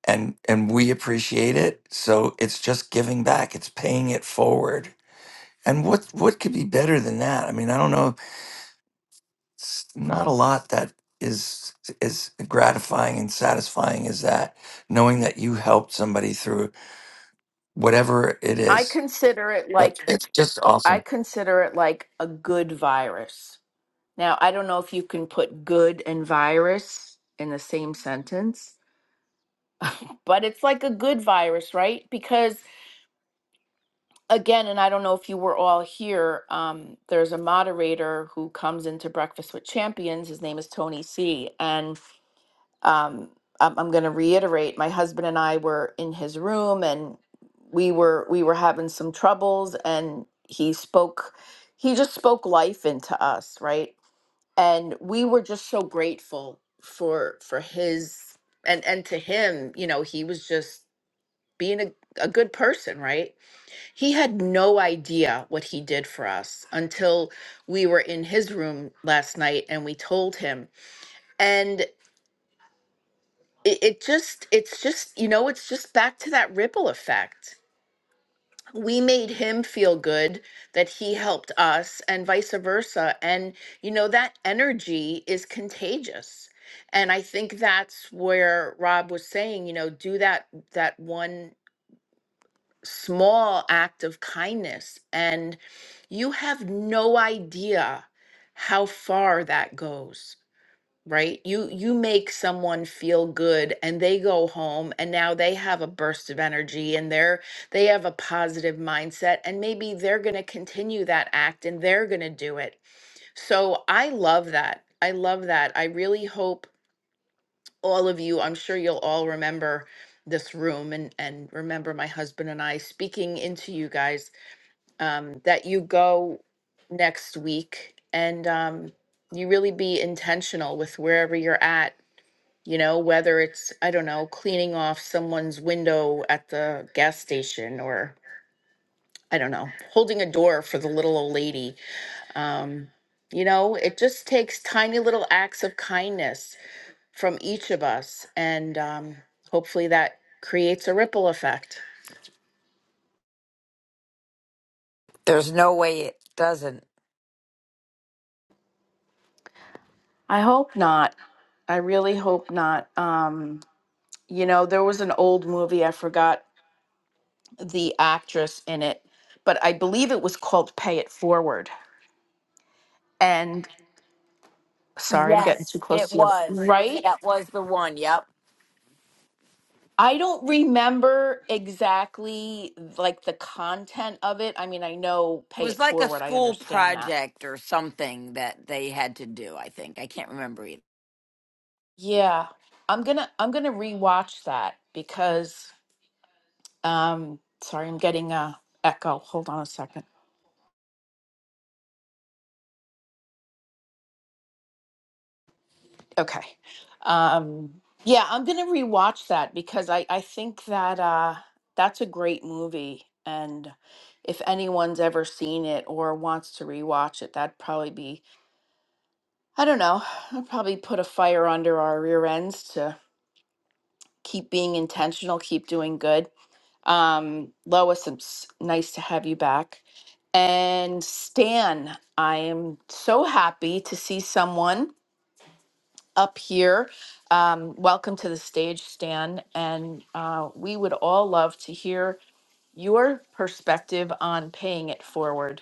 Speaker 2: and and we appreciate it so it's just giving back it's paying it forward and what what could be better than that i mean i don't know it's not a lot that is is gratifying and satisfying as that knowing that you helped somebody through whatever it
Speaker 3: I
Speaker 2: is
Speaker 3: consider it
Speaker 2: but
Speaker 3: like,
Speaker 2: it's just
Speaker 3: I
Speaker 2: awesome
Speaker 3: consider it like a good virus Now, I don't know if you can put good and virus in the same sentence, but it's like a good virus, right? Because again, and I don't know if you were all here, um, there's a moderator who comes into Breakfast with Champions. His name is Tony C. And um, I'm going to reiterate, my husband and I were in his room and we were we were having some troubles and he spoke he just spoke life into us, right? and we were just so grateful for for his and and to him you know he was just being a, a good person right he had no idea what he did for us until we were in his room last night and we told him and it, it just it's just you know it's just back to that ripple effect we made him feel good that he helped us and vice versa and you know that energy is contagious and i think that's where rob was saying you know do that that one small act of kindness and you have no idea how far that goes right? You you make someone feel good and they go home and now they have a burst of energy and they're they have a positive mindset and maybe they're going to continue that act and they're going to do it. So I love that. I love that. I really hope all of you, I'm sure you'll all remember this room and and remember my husband and I speaking into you guys um that you go next week and um you really be intentional with wherever you're at you know, whether it's, I don't know, cleaning off someone's window at the gas station or, I don't know, holding a door for the little old lady. Um, you know, it just takes tiny little acts of kindness from each of us. And um, hopefully that creates a ripple effect.
Speaker 1: there's no way it doesn't
Speaker 3: I hope not. I really hope not. Um, you know, there was an old movie, I forgot the actress in it, but I believe it was called Pay It Forward and. Sorry, I'm getting too
Speaker 1: yes it
Speaker 3: close to the other.
Speaker 1: was
Speaker 3: Right?
Speaker 1: that was the one yep
Speaker 3: I don't remember exactly like the content of it. I mean, I know
Speaker 1: it
Speaker 3: pay
Speaker 1: was
Speaker 3: it
Speaker 1: like a
Speaker 3: forward. I
Speaker 1: school
Speaker 3: understand that.
Speaker 1: project or something that they had to do i think i can't remember either
Speaker 3: Yeah. I'm going to I'm going to rewatch that because um sorry, I'm getting a echo. Hold on a second. Okay. Um yeah, I'm going to rewatch that because I I think that uh that's a great movie and if anyone's ever seen it or wants to rewatch it, that'd probably be I don't know. I'll probably put a fire under our rear ends to keep being intentional, keep doing good. Um, Lois, it's nice to have you back. And Stan, I am so happy to see someone up here. Um, welcome to the stage, Stan. And uh, we would all love to hear your perspective on paying it forward.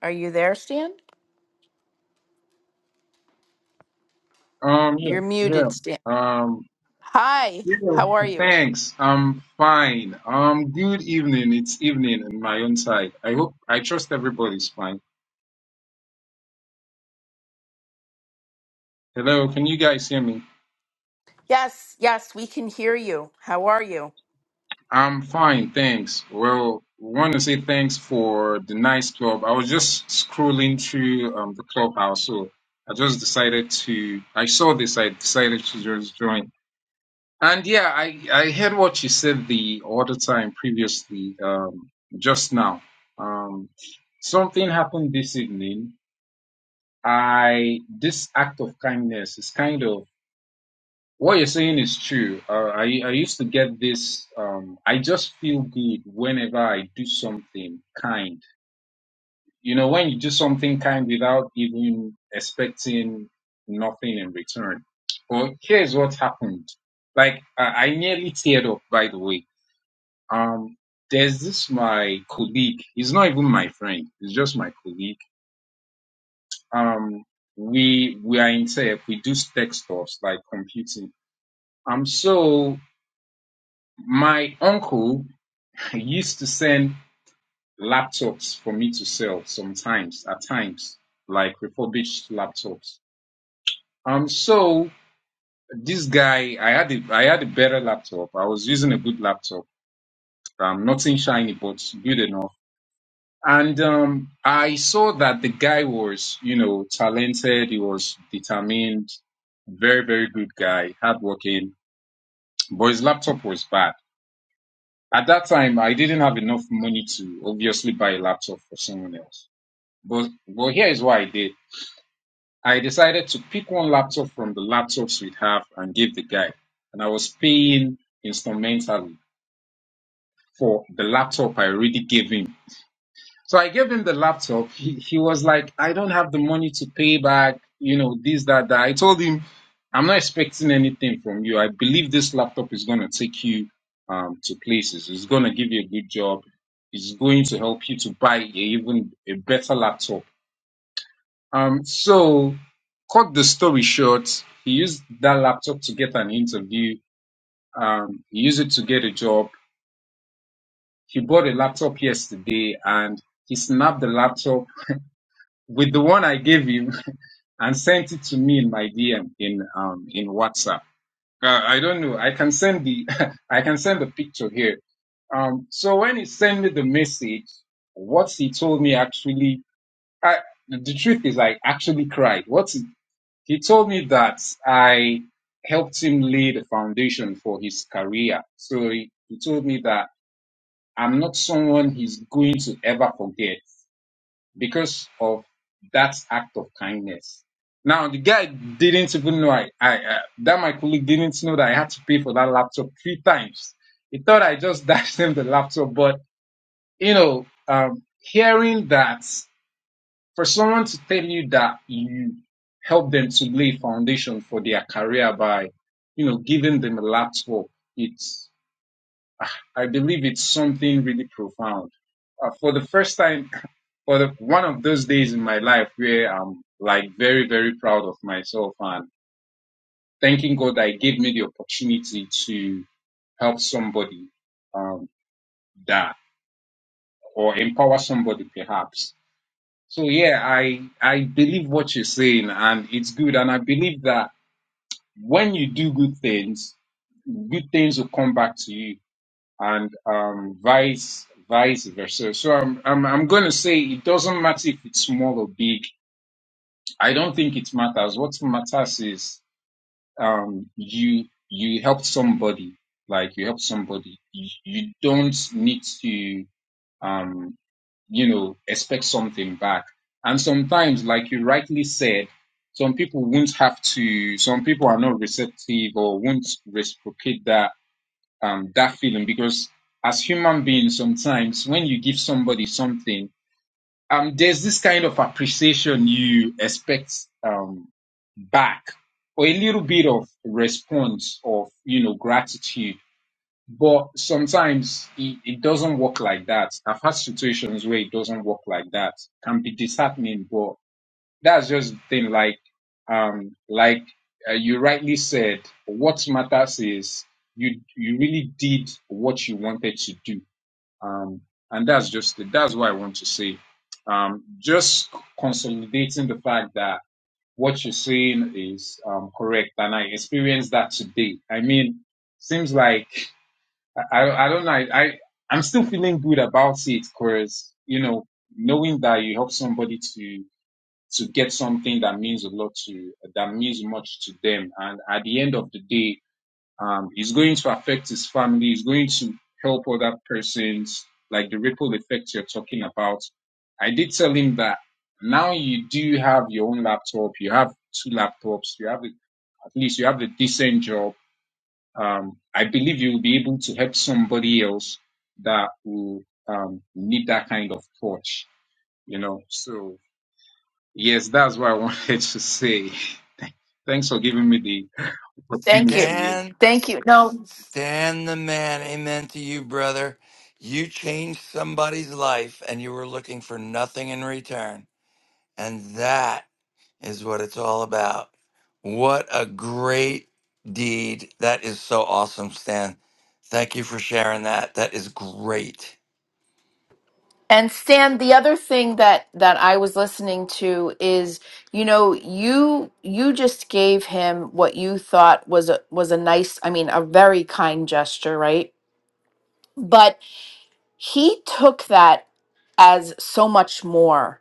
Speaker 3: Are you there, Stan?
Speaker 4: Um, yeah,
Speaker 3: You're
Speaker 4: yeah.
Speaker 3: muted, Stan.
Speaker 4: Um,
Speaker 3: Hi,
Speaker 4: yeah,
Speaker 3: how are you?
Speaker 4: thanks. I'm fine. Um, good evening. It's evening in my own side. I hope, I trust everybody's fine. Hello, can you guys hear me?
Speaker 3: Yes, yes, we can hear you. How are you?
Speaker 4: I'm fine, thanks. Well, want to say thanks for the nice club. I was just scrolling through um the clubhouse, so I just decided to, I saw this, I decided to just join. And yeah, I, I heard what you said the other time previously, um, just now. Um, something happened this evening. I, this act of kindness is kind of, what you're saying is true. Uh, I, I used to get this, um, I just feel good whenever I do something kind. You know, when you do something kind without even expecting nothing in return. Well, here's what happened. Like, I, I nearly teared up, by the way Um, there's this my colleague. He's not even my friend. He's just my colleague. Um, we we are in tech. We do tech stuff like computing. Um, so my uncle used to send laptops for me to sell sometimes. At times, like refurbished laptops. Um, so this guy, I had a, I had a better laptop. I was using a good laptop. Um, nothing shiny, but good enough. And um, I saw that the guy was, you know, talented. He was determined, very, very good guy, hardworking. But his laptop was bad. At that time, I didn't have enough money to obviously buy a laptop for someone else. But well, here is what I did. I decided to pick one laptop from the laptops we have and give the guy. And I was paying instrumentally for the laptop I already gave him So I gave him the laptop. He, he was like, I don't have the money to pay back, you know, this, that, that. I told him, I'm not expecting anything from you. I believe this laptop is going to take you um, to places. It's going to give you a good job. It's going to help you to buy a, even a better laptop. Um, so, cut the story short, he used that laptop to get an interview. Um, he used it to get a job. He bought a laptop yesterday and he snapped the laptop with the one I gave him and sent it to me in my DM in um in WhatsApp. Uh, I don't know. I can send the I can send the picture here. Um, so when he sent me the message, what he told me actually, I, the truth is I actually cried. What he, he told me that I helped him lay the foundation for his career. So he, he told me that I'm not someone he's going to ever forget because of that act of kindness. Now the guy didn't even know I, I uh, that my colleague didn't know that I had to pay for that laptop three times. He thought I just dashed him the laptop, but you know, um, hearing that for someone to tell you that you help them to lay foundation for their career by, you know, giving them a laptop, it's I believe it's something really profound. Uh, for the first time for the, one of those days in my life where I'm like very, very proud of myself and thanking God that He gave me the opportunity to help somebody um, that or empower somebody perhaps. So yeah, I I believe what you're saying and it's good and I believe that when you do good things, good things will come back to you and um, vice vice versa. So I'm I'm I'm gonna say it doesn't matter if it's small or big I don't think it matters. What matters is um, you you helped somebody, like you helped somebody. You, you don't need to um, you know expect something back. And sometimes, like you rightly said, some people won't have to. Some people are not receptive or won't reciprocate that um, that feeling because as human beings, sometimes when you give somebody something um, there's this kind of appreciation you expect um, back, or a little bit of response of you know gratitude. But sometimes it, it doesn't work like that. I've had situations where it doesn't work like that. Can be disheartening, but that's just the thing. Like, um, like uh, you rightly said, what matters is you you really did what you wanted to do um, and that's just it. That's what I want to say. Um, just consolidating the fact that what you're saying is um, correct, and I experienced that today. I mean, seems like I, I I don't know. I, I I'm still feeling good about it because you know knowing that you help somebody to to get something that means a lot to that means much to them, and at the end of the day, um, it's going to affect his family. It's going to help other persons, like the ripple effect you're talking about. I did tell him that now you do have your own laptop. You have two laptops. You have a, at least you have a decent job. Um, I believe you'll be able to help somebody else that will um, need that kind of touch. You know, so yes, that's what I wanted to say. Thanks for giving me the
Speaker 2: Thank you.
Speaker 4: opportunity.
Speaker 3: Stan,
Speaker 2: Thank you. No.
Speaker 3: Stan the man. Amen to you, brother. You changed somebody's life and you were looking for nothing in return. And that is what it's all about. What a great deed. That is so awesome, Stan. Thank you for sharing that. That is great.
Speaker 2: And Stan, the other thing that that I was listening to is, you know, you you just gave him what you thought was a was a nice, I mean, a very kind gesture, right? But he took that as so much more.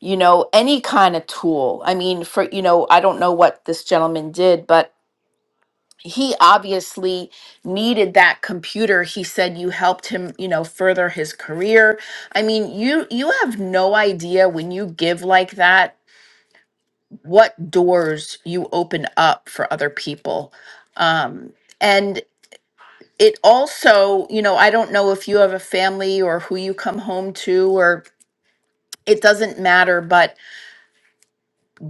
Speaker 2: You know, any kind of tool. I mean, for you know, I don't know what this gentleman did, but he obviously needed that computer he said you helped him you know further his career i mean you you have no idea when you give like that what doors you open up for other people um and it also you know i don't know if you have a family or who you come home to or it doesn't matter but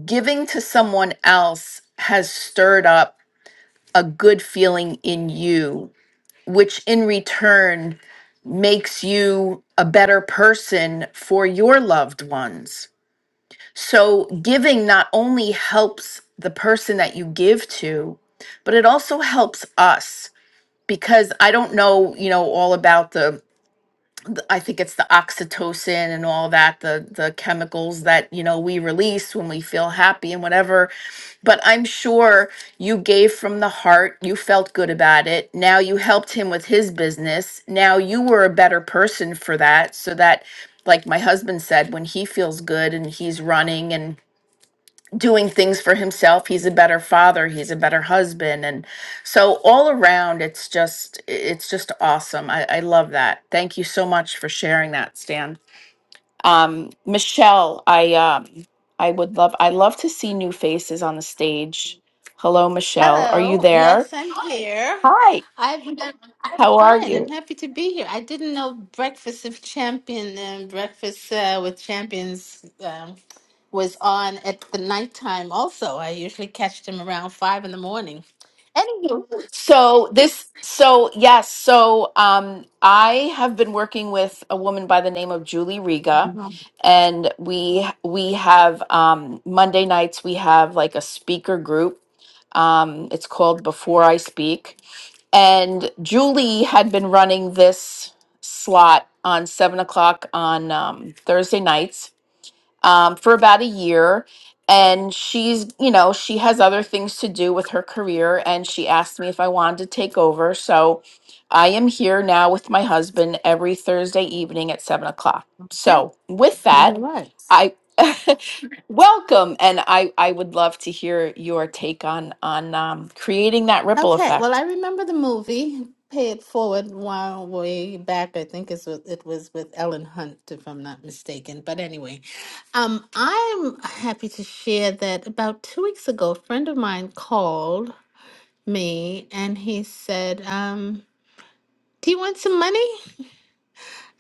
Speaker 2: giving to someone else has stirred up a good feeling in you which in return makes you a better person for your loved ones. So, giving not only helps the person that you give to, but it also helps us because I don't know, you know, all about the th- I think it's the oxytocin and all that, the the chemicals that, you know, we release when we feel happy and whatever. But I'm sure you gave from the heart, you felt good about it. Now you helped him with his business. Now you were a better person for that so that like my husband said when he feels good and he's running and doing things for himself he's a better father he's a better husband and so all around it's just it's just awesome i, I love that thank you so much for sharing that stan um, michelle i um, i would love i love to see new faces on the stage hello michelle are you
Speaker 5: Hello.
Speaker 2: there
Speaker 5: Yes, I'm Hi. here.
Speaker 2: hi
Speaker 5: I've been, I'm
Speaker 2: how are
Speaker 5: fine.
Speaker 2: you
Speaker 5: I'm happy to be here. I didn't know Breakfast of Champion and Breakfast uh, with Champions um, was on at the nighttime also. I usually catch them around five in the morning. Anywho,
Speaker 2: So this, so yes, so um, I have been working with a woman by the name of Julie Riga,
Speaker 5: Okay.
Speaker 2: and we we have um, Monday nights we have like a speaker group. Um, it's called Before I Speak, and Julie had been running this slot on seven o'clock on um, Thursday nights, um, for about a year. And she's, you know, she has other things to do with her career. And she asked me if I wanted to take over. So I am here now with my husband every Thursday evening at seven o'clock. So with
Speaker 5: all
Speaker 2: that,
Speaker 5: right.
Speaker 2: I welcome and I, I would love to hear your take on on um, creating that ripple
Speaker 5: Okay, well,
Speaker 2: effect.
Speaker 5: I remember the movie Pay It Forward while way back. I think it's with, it was with Ellen Hunt, if I'm not mistaken. But anyway, um, I'm happy to share that about two weeks ago, a friend of mine called me and he said, um, Do you want some money?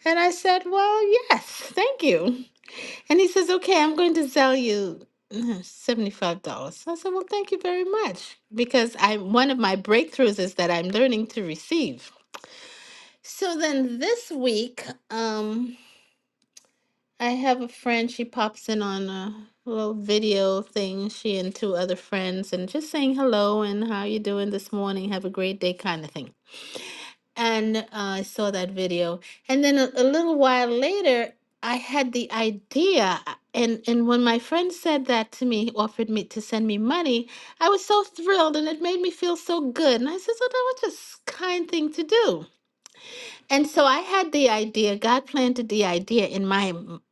Speaker 5: And I said, Well, yes, thank you. And he says, Okay, I'm going to sell you uh, $75. I said, Well, thank you very much. Because I one of my breakthroughs is that I'm learning to receive. So then this week, um, I have a friend. She pops in on a little video thing. She and two other friends, and just saying hello and how you doing this morning. Have a great day, kind of thing. And uh, I saw that video, and then a, a little while later, I had the idea. uh, And and when my friend said that to me, offered me to send me money, I was so thrilled, and it made me feel so good. And I said, "Oh, that was just kind thing to do." And so I had the idea, God planted the idea in my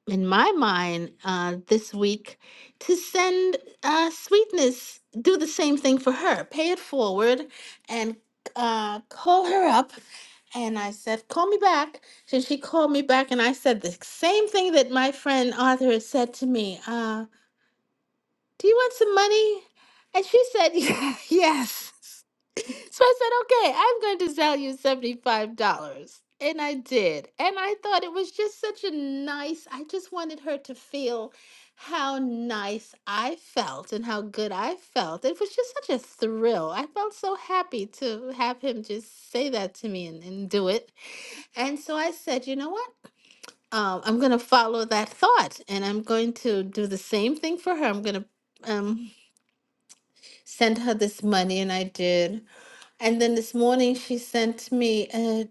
Speaker 5: in my mind uh, this week to send uh, sweetness, do the same thing for her, pay it forward, and uh, call her up. And I said, call me back. So she called me back, and I said the same thing that my friend Arthur had said to me. Uh, do you want some money? And she said, yes. So I said, okay, I'm going to sell you $75. And I did. And I thought it was just such a nice, I just wanted her to feel how nice I felt and how good I felt. It was just such a thrill. I felt so happy to have him just say that to me and, and do it. And so I said, you know what? Um, I'm going to follow that thought and I'm going to do the same thing for her. I'm going to um, send her this money. And I did. And then this morning she sent me a,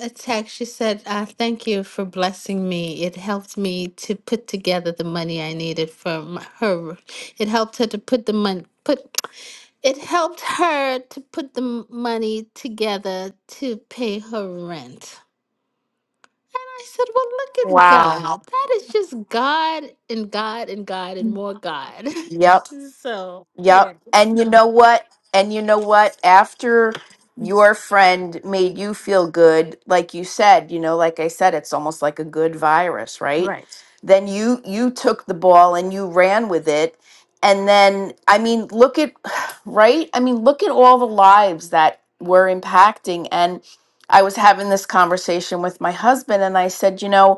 Speaker 5: a text. She said, uh, Thank you for blessing me. It helped me to put together the money I needed for my, her. It helped her to put the money, put, it helped her to put the m- money together to pay her rent. I said, Well, look at
Speaker 2: Wow.
Speaker 5: God. That is just God and God and God and more God.
Speaker 2: Yep. Yep. And you know what? And you know what? After your friend made you feel good, like you said, you know, like I said, it's almost like a good virus, right? Then you you took the ball and you ran with it. And then I mean, look at right? I mean, look at all the lives that we're impacting and I was having this conversation with my husband and I said, you know,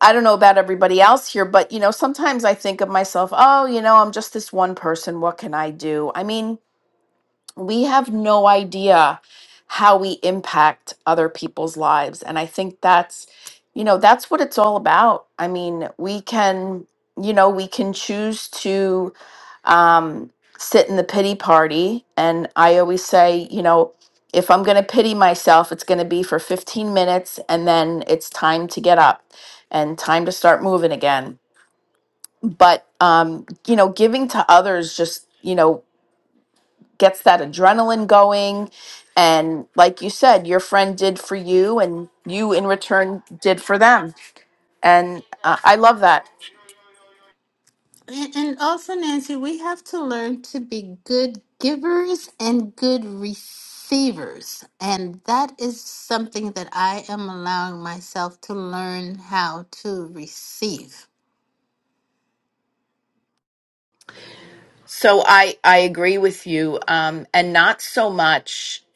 Speaker 2: I don't know about everybody else here, but you know, sometimes I think of myself, oh, you know, I'm just this one person. What can I do? I mean, we have no idea how we impact other people's lives and i think that's you know that's what it's all about i mean we can you know we can choose to um, sit in the pity party and i always say you know if i'm going to pity myself it's going to be for 15 minutes and then it's time to get up and time to start moving again but um, you know giving to others just you know gets that adrenaline going and like you said your friend did for you and you in return did for them and uh, i love that
Speaker 5: And, and also, Nancy, we have to learn to be good givers and good receivers. And that is something that I am allowing myself to learn how to receive.
Speaker 2: So I I agree with you, um, and not so much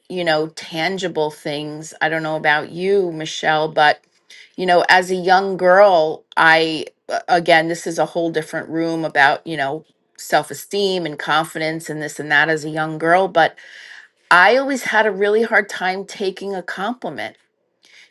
Speaker 2: you know tangible things. I don't know about you, Michelle, but you know as a young girl, I uh, again this is a whole different room about you know self esteem and confidence and this and that as a young girl, but I always had a really hard time taking a compliment,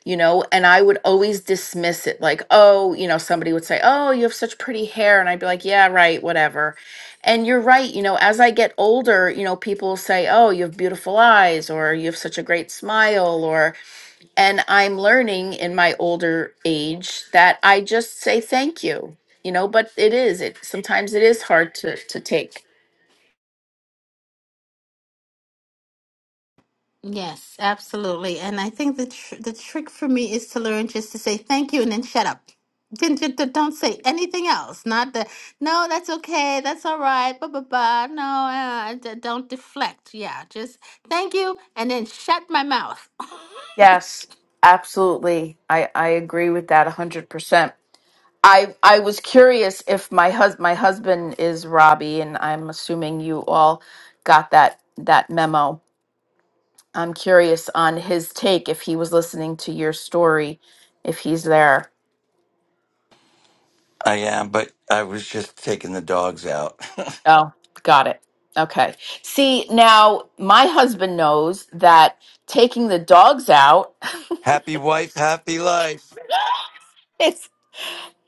Speaker 2: you know, and I would always dismiss it like, oh, you know, somebody would say, oh, you have such pretty hair. And I'd be like, yeah, right, whatever. And you're right, you know, as I get older, you know, people will say, oh, you have beautiful eyes or you have such a great smile or, and I'm learning in my older age that I just say thank you, you know, but it is, it sometimes it is hard to, to take.
Speaker 5: Yes, absolutely. And I think the tr the trick for me is to learn just to say thank you and then shut up. Then ju- ju- Don't say anything else. Not the no, that's okay, that's all right, blah blah blah. No, uh, d- don't deflect. Yeah, just thank you and then shut my mouth.
Speaker 2: Yes, absolutely. I, I agree with that 100%. I I was curious if my hus my husband is Robbie, and I'm assuming you all got that that memo. I'm curious on his take if he was listening to your story, if he's there.
Speaker 3: I am, but I was just taking the dogs out.
Speaker 2: Oh, got it. Okay. See, now my husband knows that taking the dogs out
Speaker 3: happy wife, happy life.
Speaker 2: is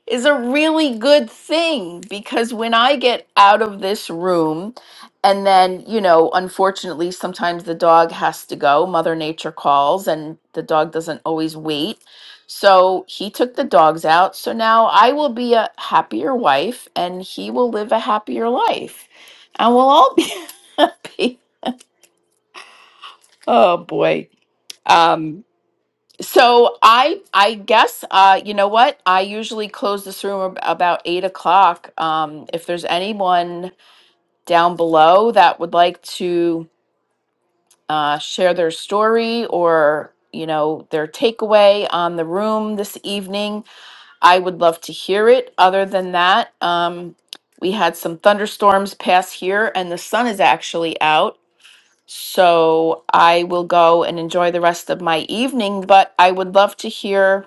Speaker 2: is a really good thing because when I get out of this room, and then, you know, unfortunately, sometimes the dog has to go, Mother Nature calls, and the dog doesn't always wait. So he took the dogs out. So now I will be a happier wife and he will live a happier life. And we'll all be happy. Oh boy. Um, so I I guess uh, you know what I usually close this room ab- about eight o'clock. Um, if there's anyone down below that would like to uh, share their story or you know their takeaway on the room this evening, I would love to hear it. Other than that, um, we had some thunderstorms pass here, and the sun is actually out. So I will go and enjoy the rest of my evening. But I would love to hear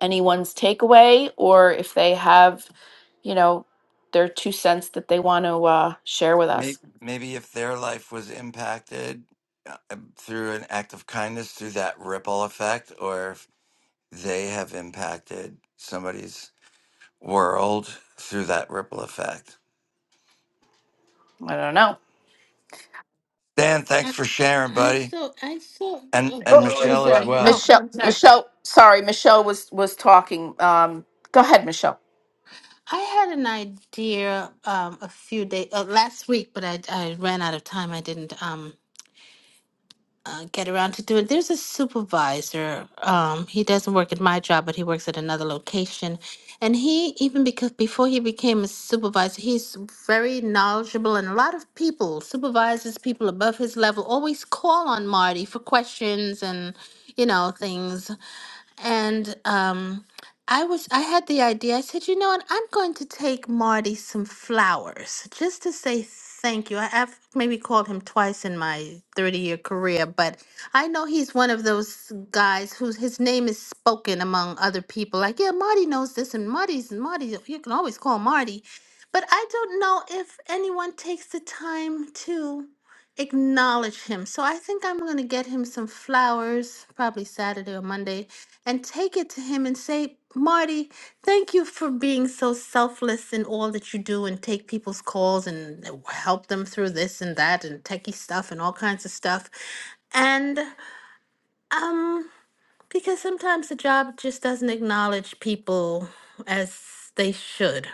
Speaker 2: anyone's takeaway or if they have, you know, their two cents that they want to uh, share with
Speaker 3: Maybe,
Speaker 2: us.
Speaker 3: maybe if their life was impacted uh, um, through an act of kindness, through that ripple effect, or if they have impacted somebody's world through that ripple effect.
Speaker 2: I don't know.
Speaker 3: Dan, thanks
Speaker 5: I
Speaker 3: for sharing,
Speaker 5: I
Speaker 3: buddy,
Speaker 5: saw, I saw.
Speaker 3: and
Speaker 5: Oh,
Speaker 3: and
Speaker 5: oh, I'm
Speaker 3: Michelle as
Speaker 5: sorry.
Speaker 3: well.
Speaker 5: Oh,
Speaker 2: Michelle,
Speaker 5: I'm sorry.
Speaker 2: Michelle, sorry, Michelle was was talking. Um, go ahead, Michelle.
Speaker 5: I had an idea um a few days uh, last week, but I I ran out of time. I didn't. Um, uh, get around to doing. There's a supervisor. Um, he doesn't work at my job, but he works at another location. And he, even because before he became a supervisor, he's very knowledgeable. And a lot of people, supervisors, people above his level, always call on Marty for questions and, you know, things and um I was I had the idea. I said, you know what? I'm going to take Marty some flowers just to say thank you. I, I've maybe called him twice in my 30 year career, but I know he's one of those guys whose his name is spoken among other people. Like, yeah, Marty knows this, and Marty's and Marty. You can always call Marty, but I don't know if anyone takes the time to acknowledge him. So I think I'm going to get him some flowers, probably Saturday or Monday, and take it to him and say, Marty, thank you for being so selfless in all that you do and take people's calls and help them through this and that and techie stuff and all kinds of stuff. And um, because sometimes the job just doesn't acknowledge people as they should.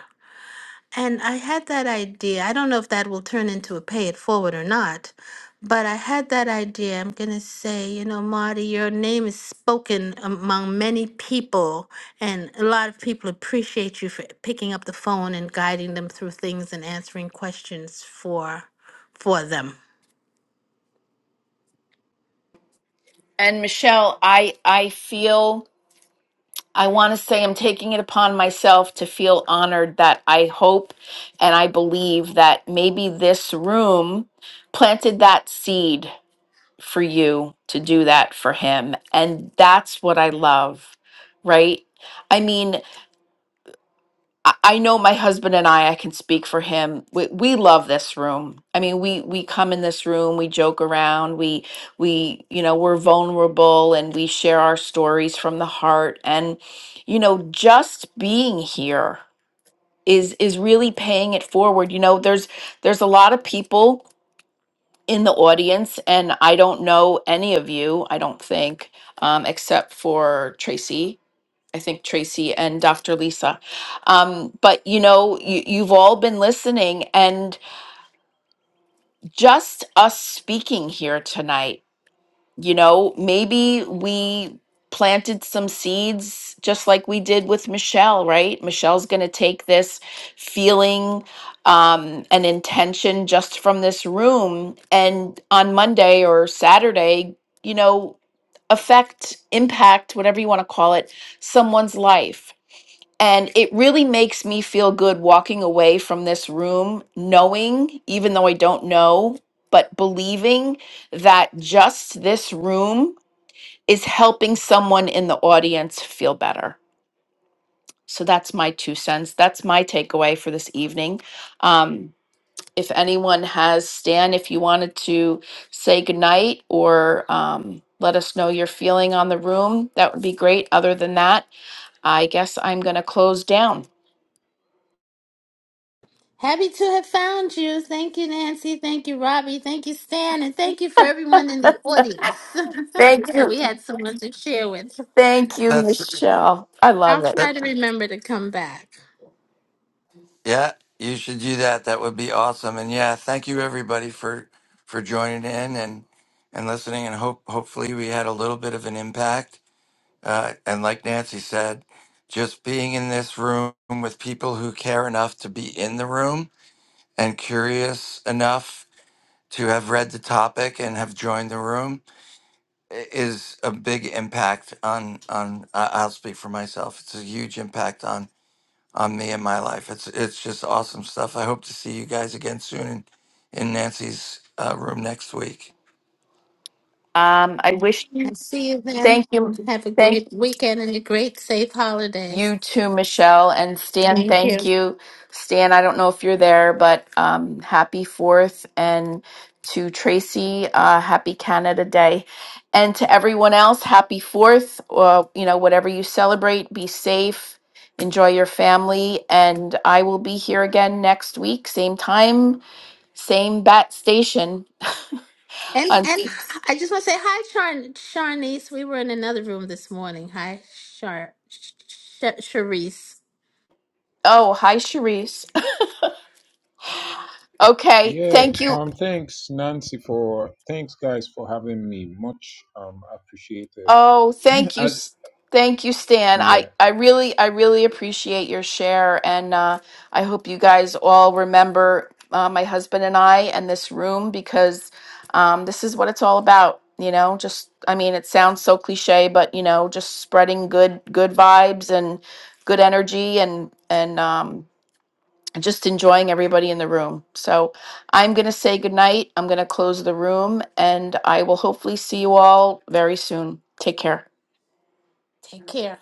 Speaker 5: And I had that idea. I don't know if that will turn into a pay it forward or not, but I had that idea. I'm going to say, you know, Marty, your name is spoken among many people, and a lot of people appreciate you for picking up the phone and guiding them through things and answering questions for for them.
Speaker 2: And Michelle, I I feel I want to say I'm taking it upon myself to feel honored that I hope and I believe that maybe this room planted that seed for you to do that for him. And that's what I love, right? I mean, I I know my husband and I, I can speak for him. We, we love this room. I mean, we, we come in this room, we joke around, we, we, you know, we're vulnerable and we share our stories from the heart. And, you know, just being here is, is really paying it forward. You know, there's, there's a lot of people in the audience, and I don't know any of you, I don't think, um, except for Tracy. I think Tracy and Dr. Lisa. Um, but you know, you, you've all been listening, and just us speaking here tonight you know, maybe we planted some seeds just like we did with Michelle, right? Michelle's going to take this feeling um, and intention just from this room and on Monday or Saturday, you know, affect, impact, whatever you want to call it, someone's life. And it really makes me feel good walking away from this room, knowing, even though I don't know, but believing that just this room is helping someone in the audience feel better. So that's my two cents. That's my takeaway for this evening. Um, if anyone has, Stan, if you wanted to say goodnight or um, let us know your feeling on the room, that would be great. Other than that, I guess I'm going to close down.
Speaker 5: Happy to have found you. Thank you, Nancy. Thank you, Robbie. Thank you, Stan. And thank you for everyone in the audience. so we had someone to share with.
Speaker 2: Thank you,
Speaker 3: That's
Speaker 2: Michelle. I
Speaker 5: I'll
Speaker 2: love it.
Speaker 5: try
Speaker 3: that.
Speaker 5: to remember to come back.
Speaker 3: Yeah, you should do that. That would be awesome. And yeah, thank you everybody for for joining in and and listening. And hope hopefully we had a little bit of an impact Uh, and like Nancy said, just being in this room with people who care enough to be in the room and curious enough to have read the topic and have joined the room i- is a big impact on on I- I'll speak for myself. It's a huge impact on on me and my life. It's it's just awesome stuff. I hope to see you guys again soon in, in Nancy's uh, room next week.
Speaker 2: Um, I wish
Speaker 5: I
Speaker 2: you
Speaker 5: see you then.
Speaker 2: thank you.
Speaker 5: Have a
Speaker 2: Thank
Speaker 5: great weekend and a great safe holiday.
Speaker 2: you too, Michelle. And Stan,
Speaker 5: Thank
Speaker 2: thank
Speaker 5: you.
Speaker 2: you. Stan, I don't know if you're there, but um, happy fourth. And to Tracy, uh, happy Canada Day. And to everyone else, happy fourth. Uh, you know, whatever you celebrate, be safe, enjoy your family. And I will be here again next week, same time, same bat station.
Speaker 5: And
Speaker 2: Un-
Speaker 5: and I just want to say hi, Char- Charnice. We were in another room this morning. Hi, Char, Sh- Sh- Charisse.
Speaker 2: oh, hi, Cherise. Okay,
Speaker 4: Yeah,
Speaker 2: thank you.
Speaker 4: um, thanks Nancy for thanks guys for having me. Much um appreciated.
Speaker 2: Oh, thank you.
Speaker 4: As
Speaker 2: S- Thank you, Stan.
Speaker 4: yeah.
Speaker 2: I, I really, I really appreciate your share. And uh, I hope you guys all remember uh, my husband and I and this room because um, this is what it's all about. You know, just, I mean, it sounds so cliche, but, you know, just spreading good, good vibes and good energy and, and, um, just enjoying everybody in the room. So I'm going to say goodnight. I'm going to close the room and I will hopefully see you all very soon. Take care.
Speaker 5: Take care.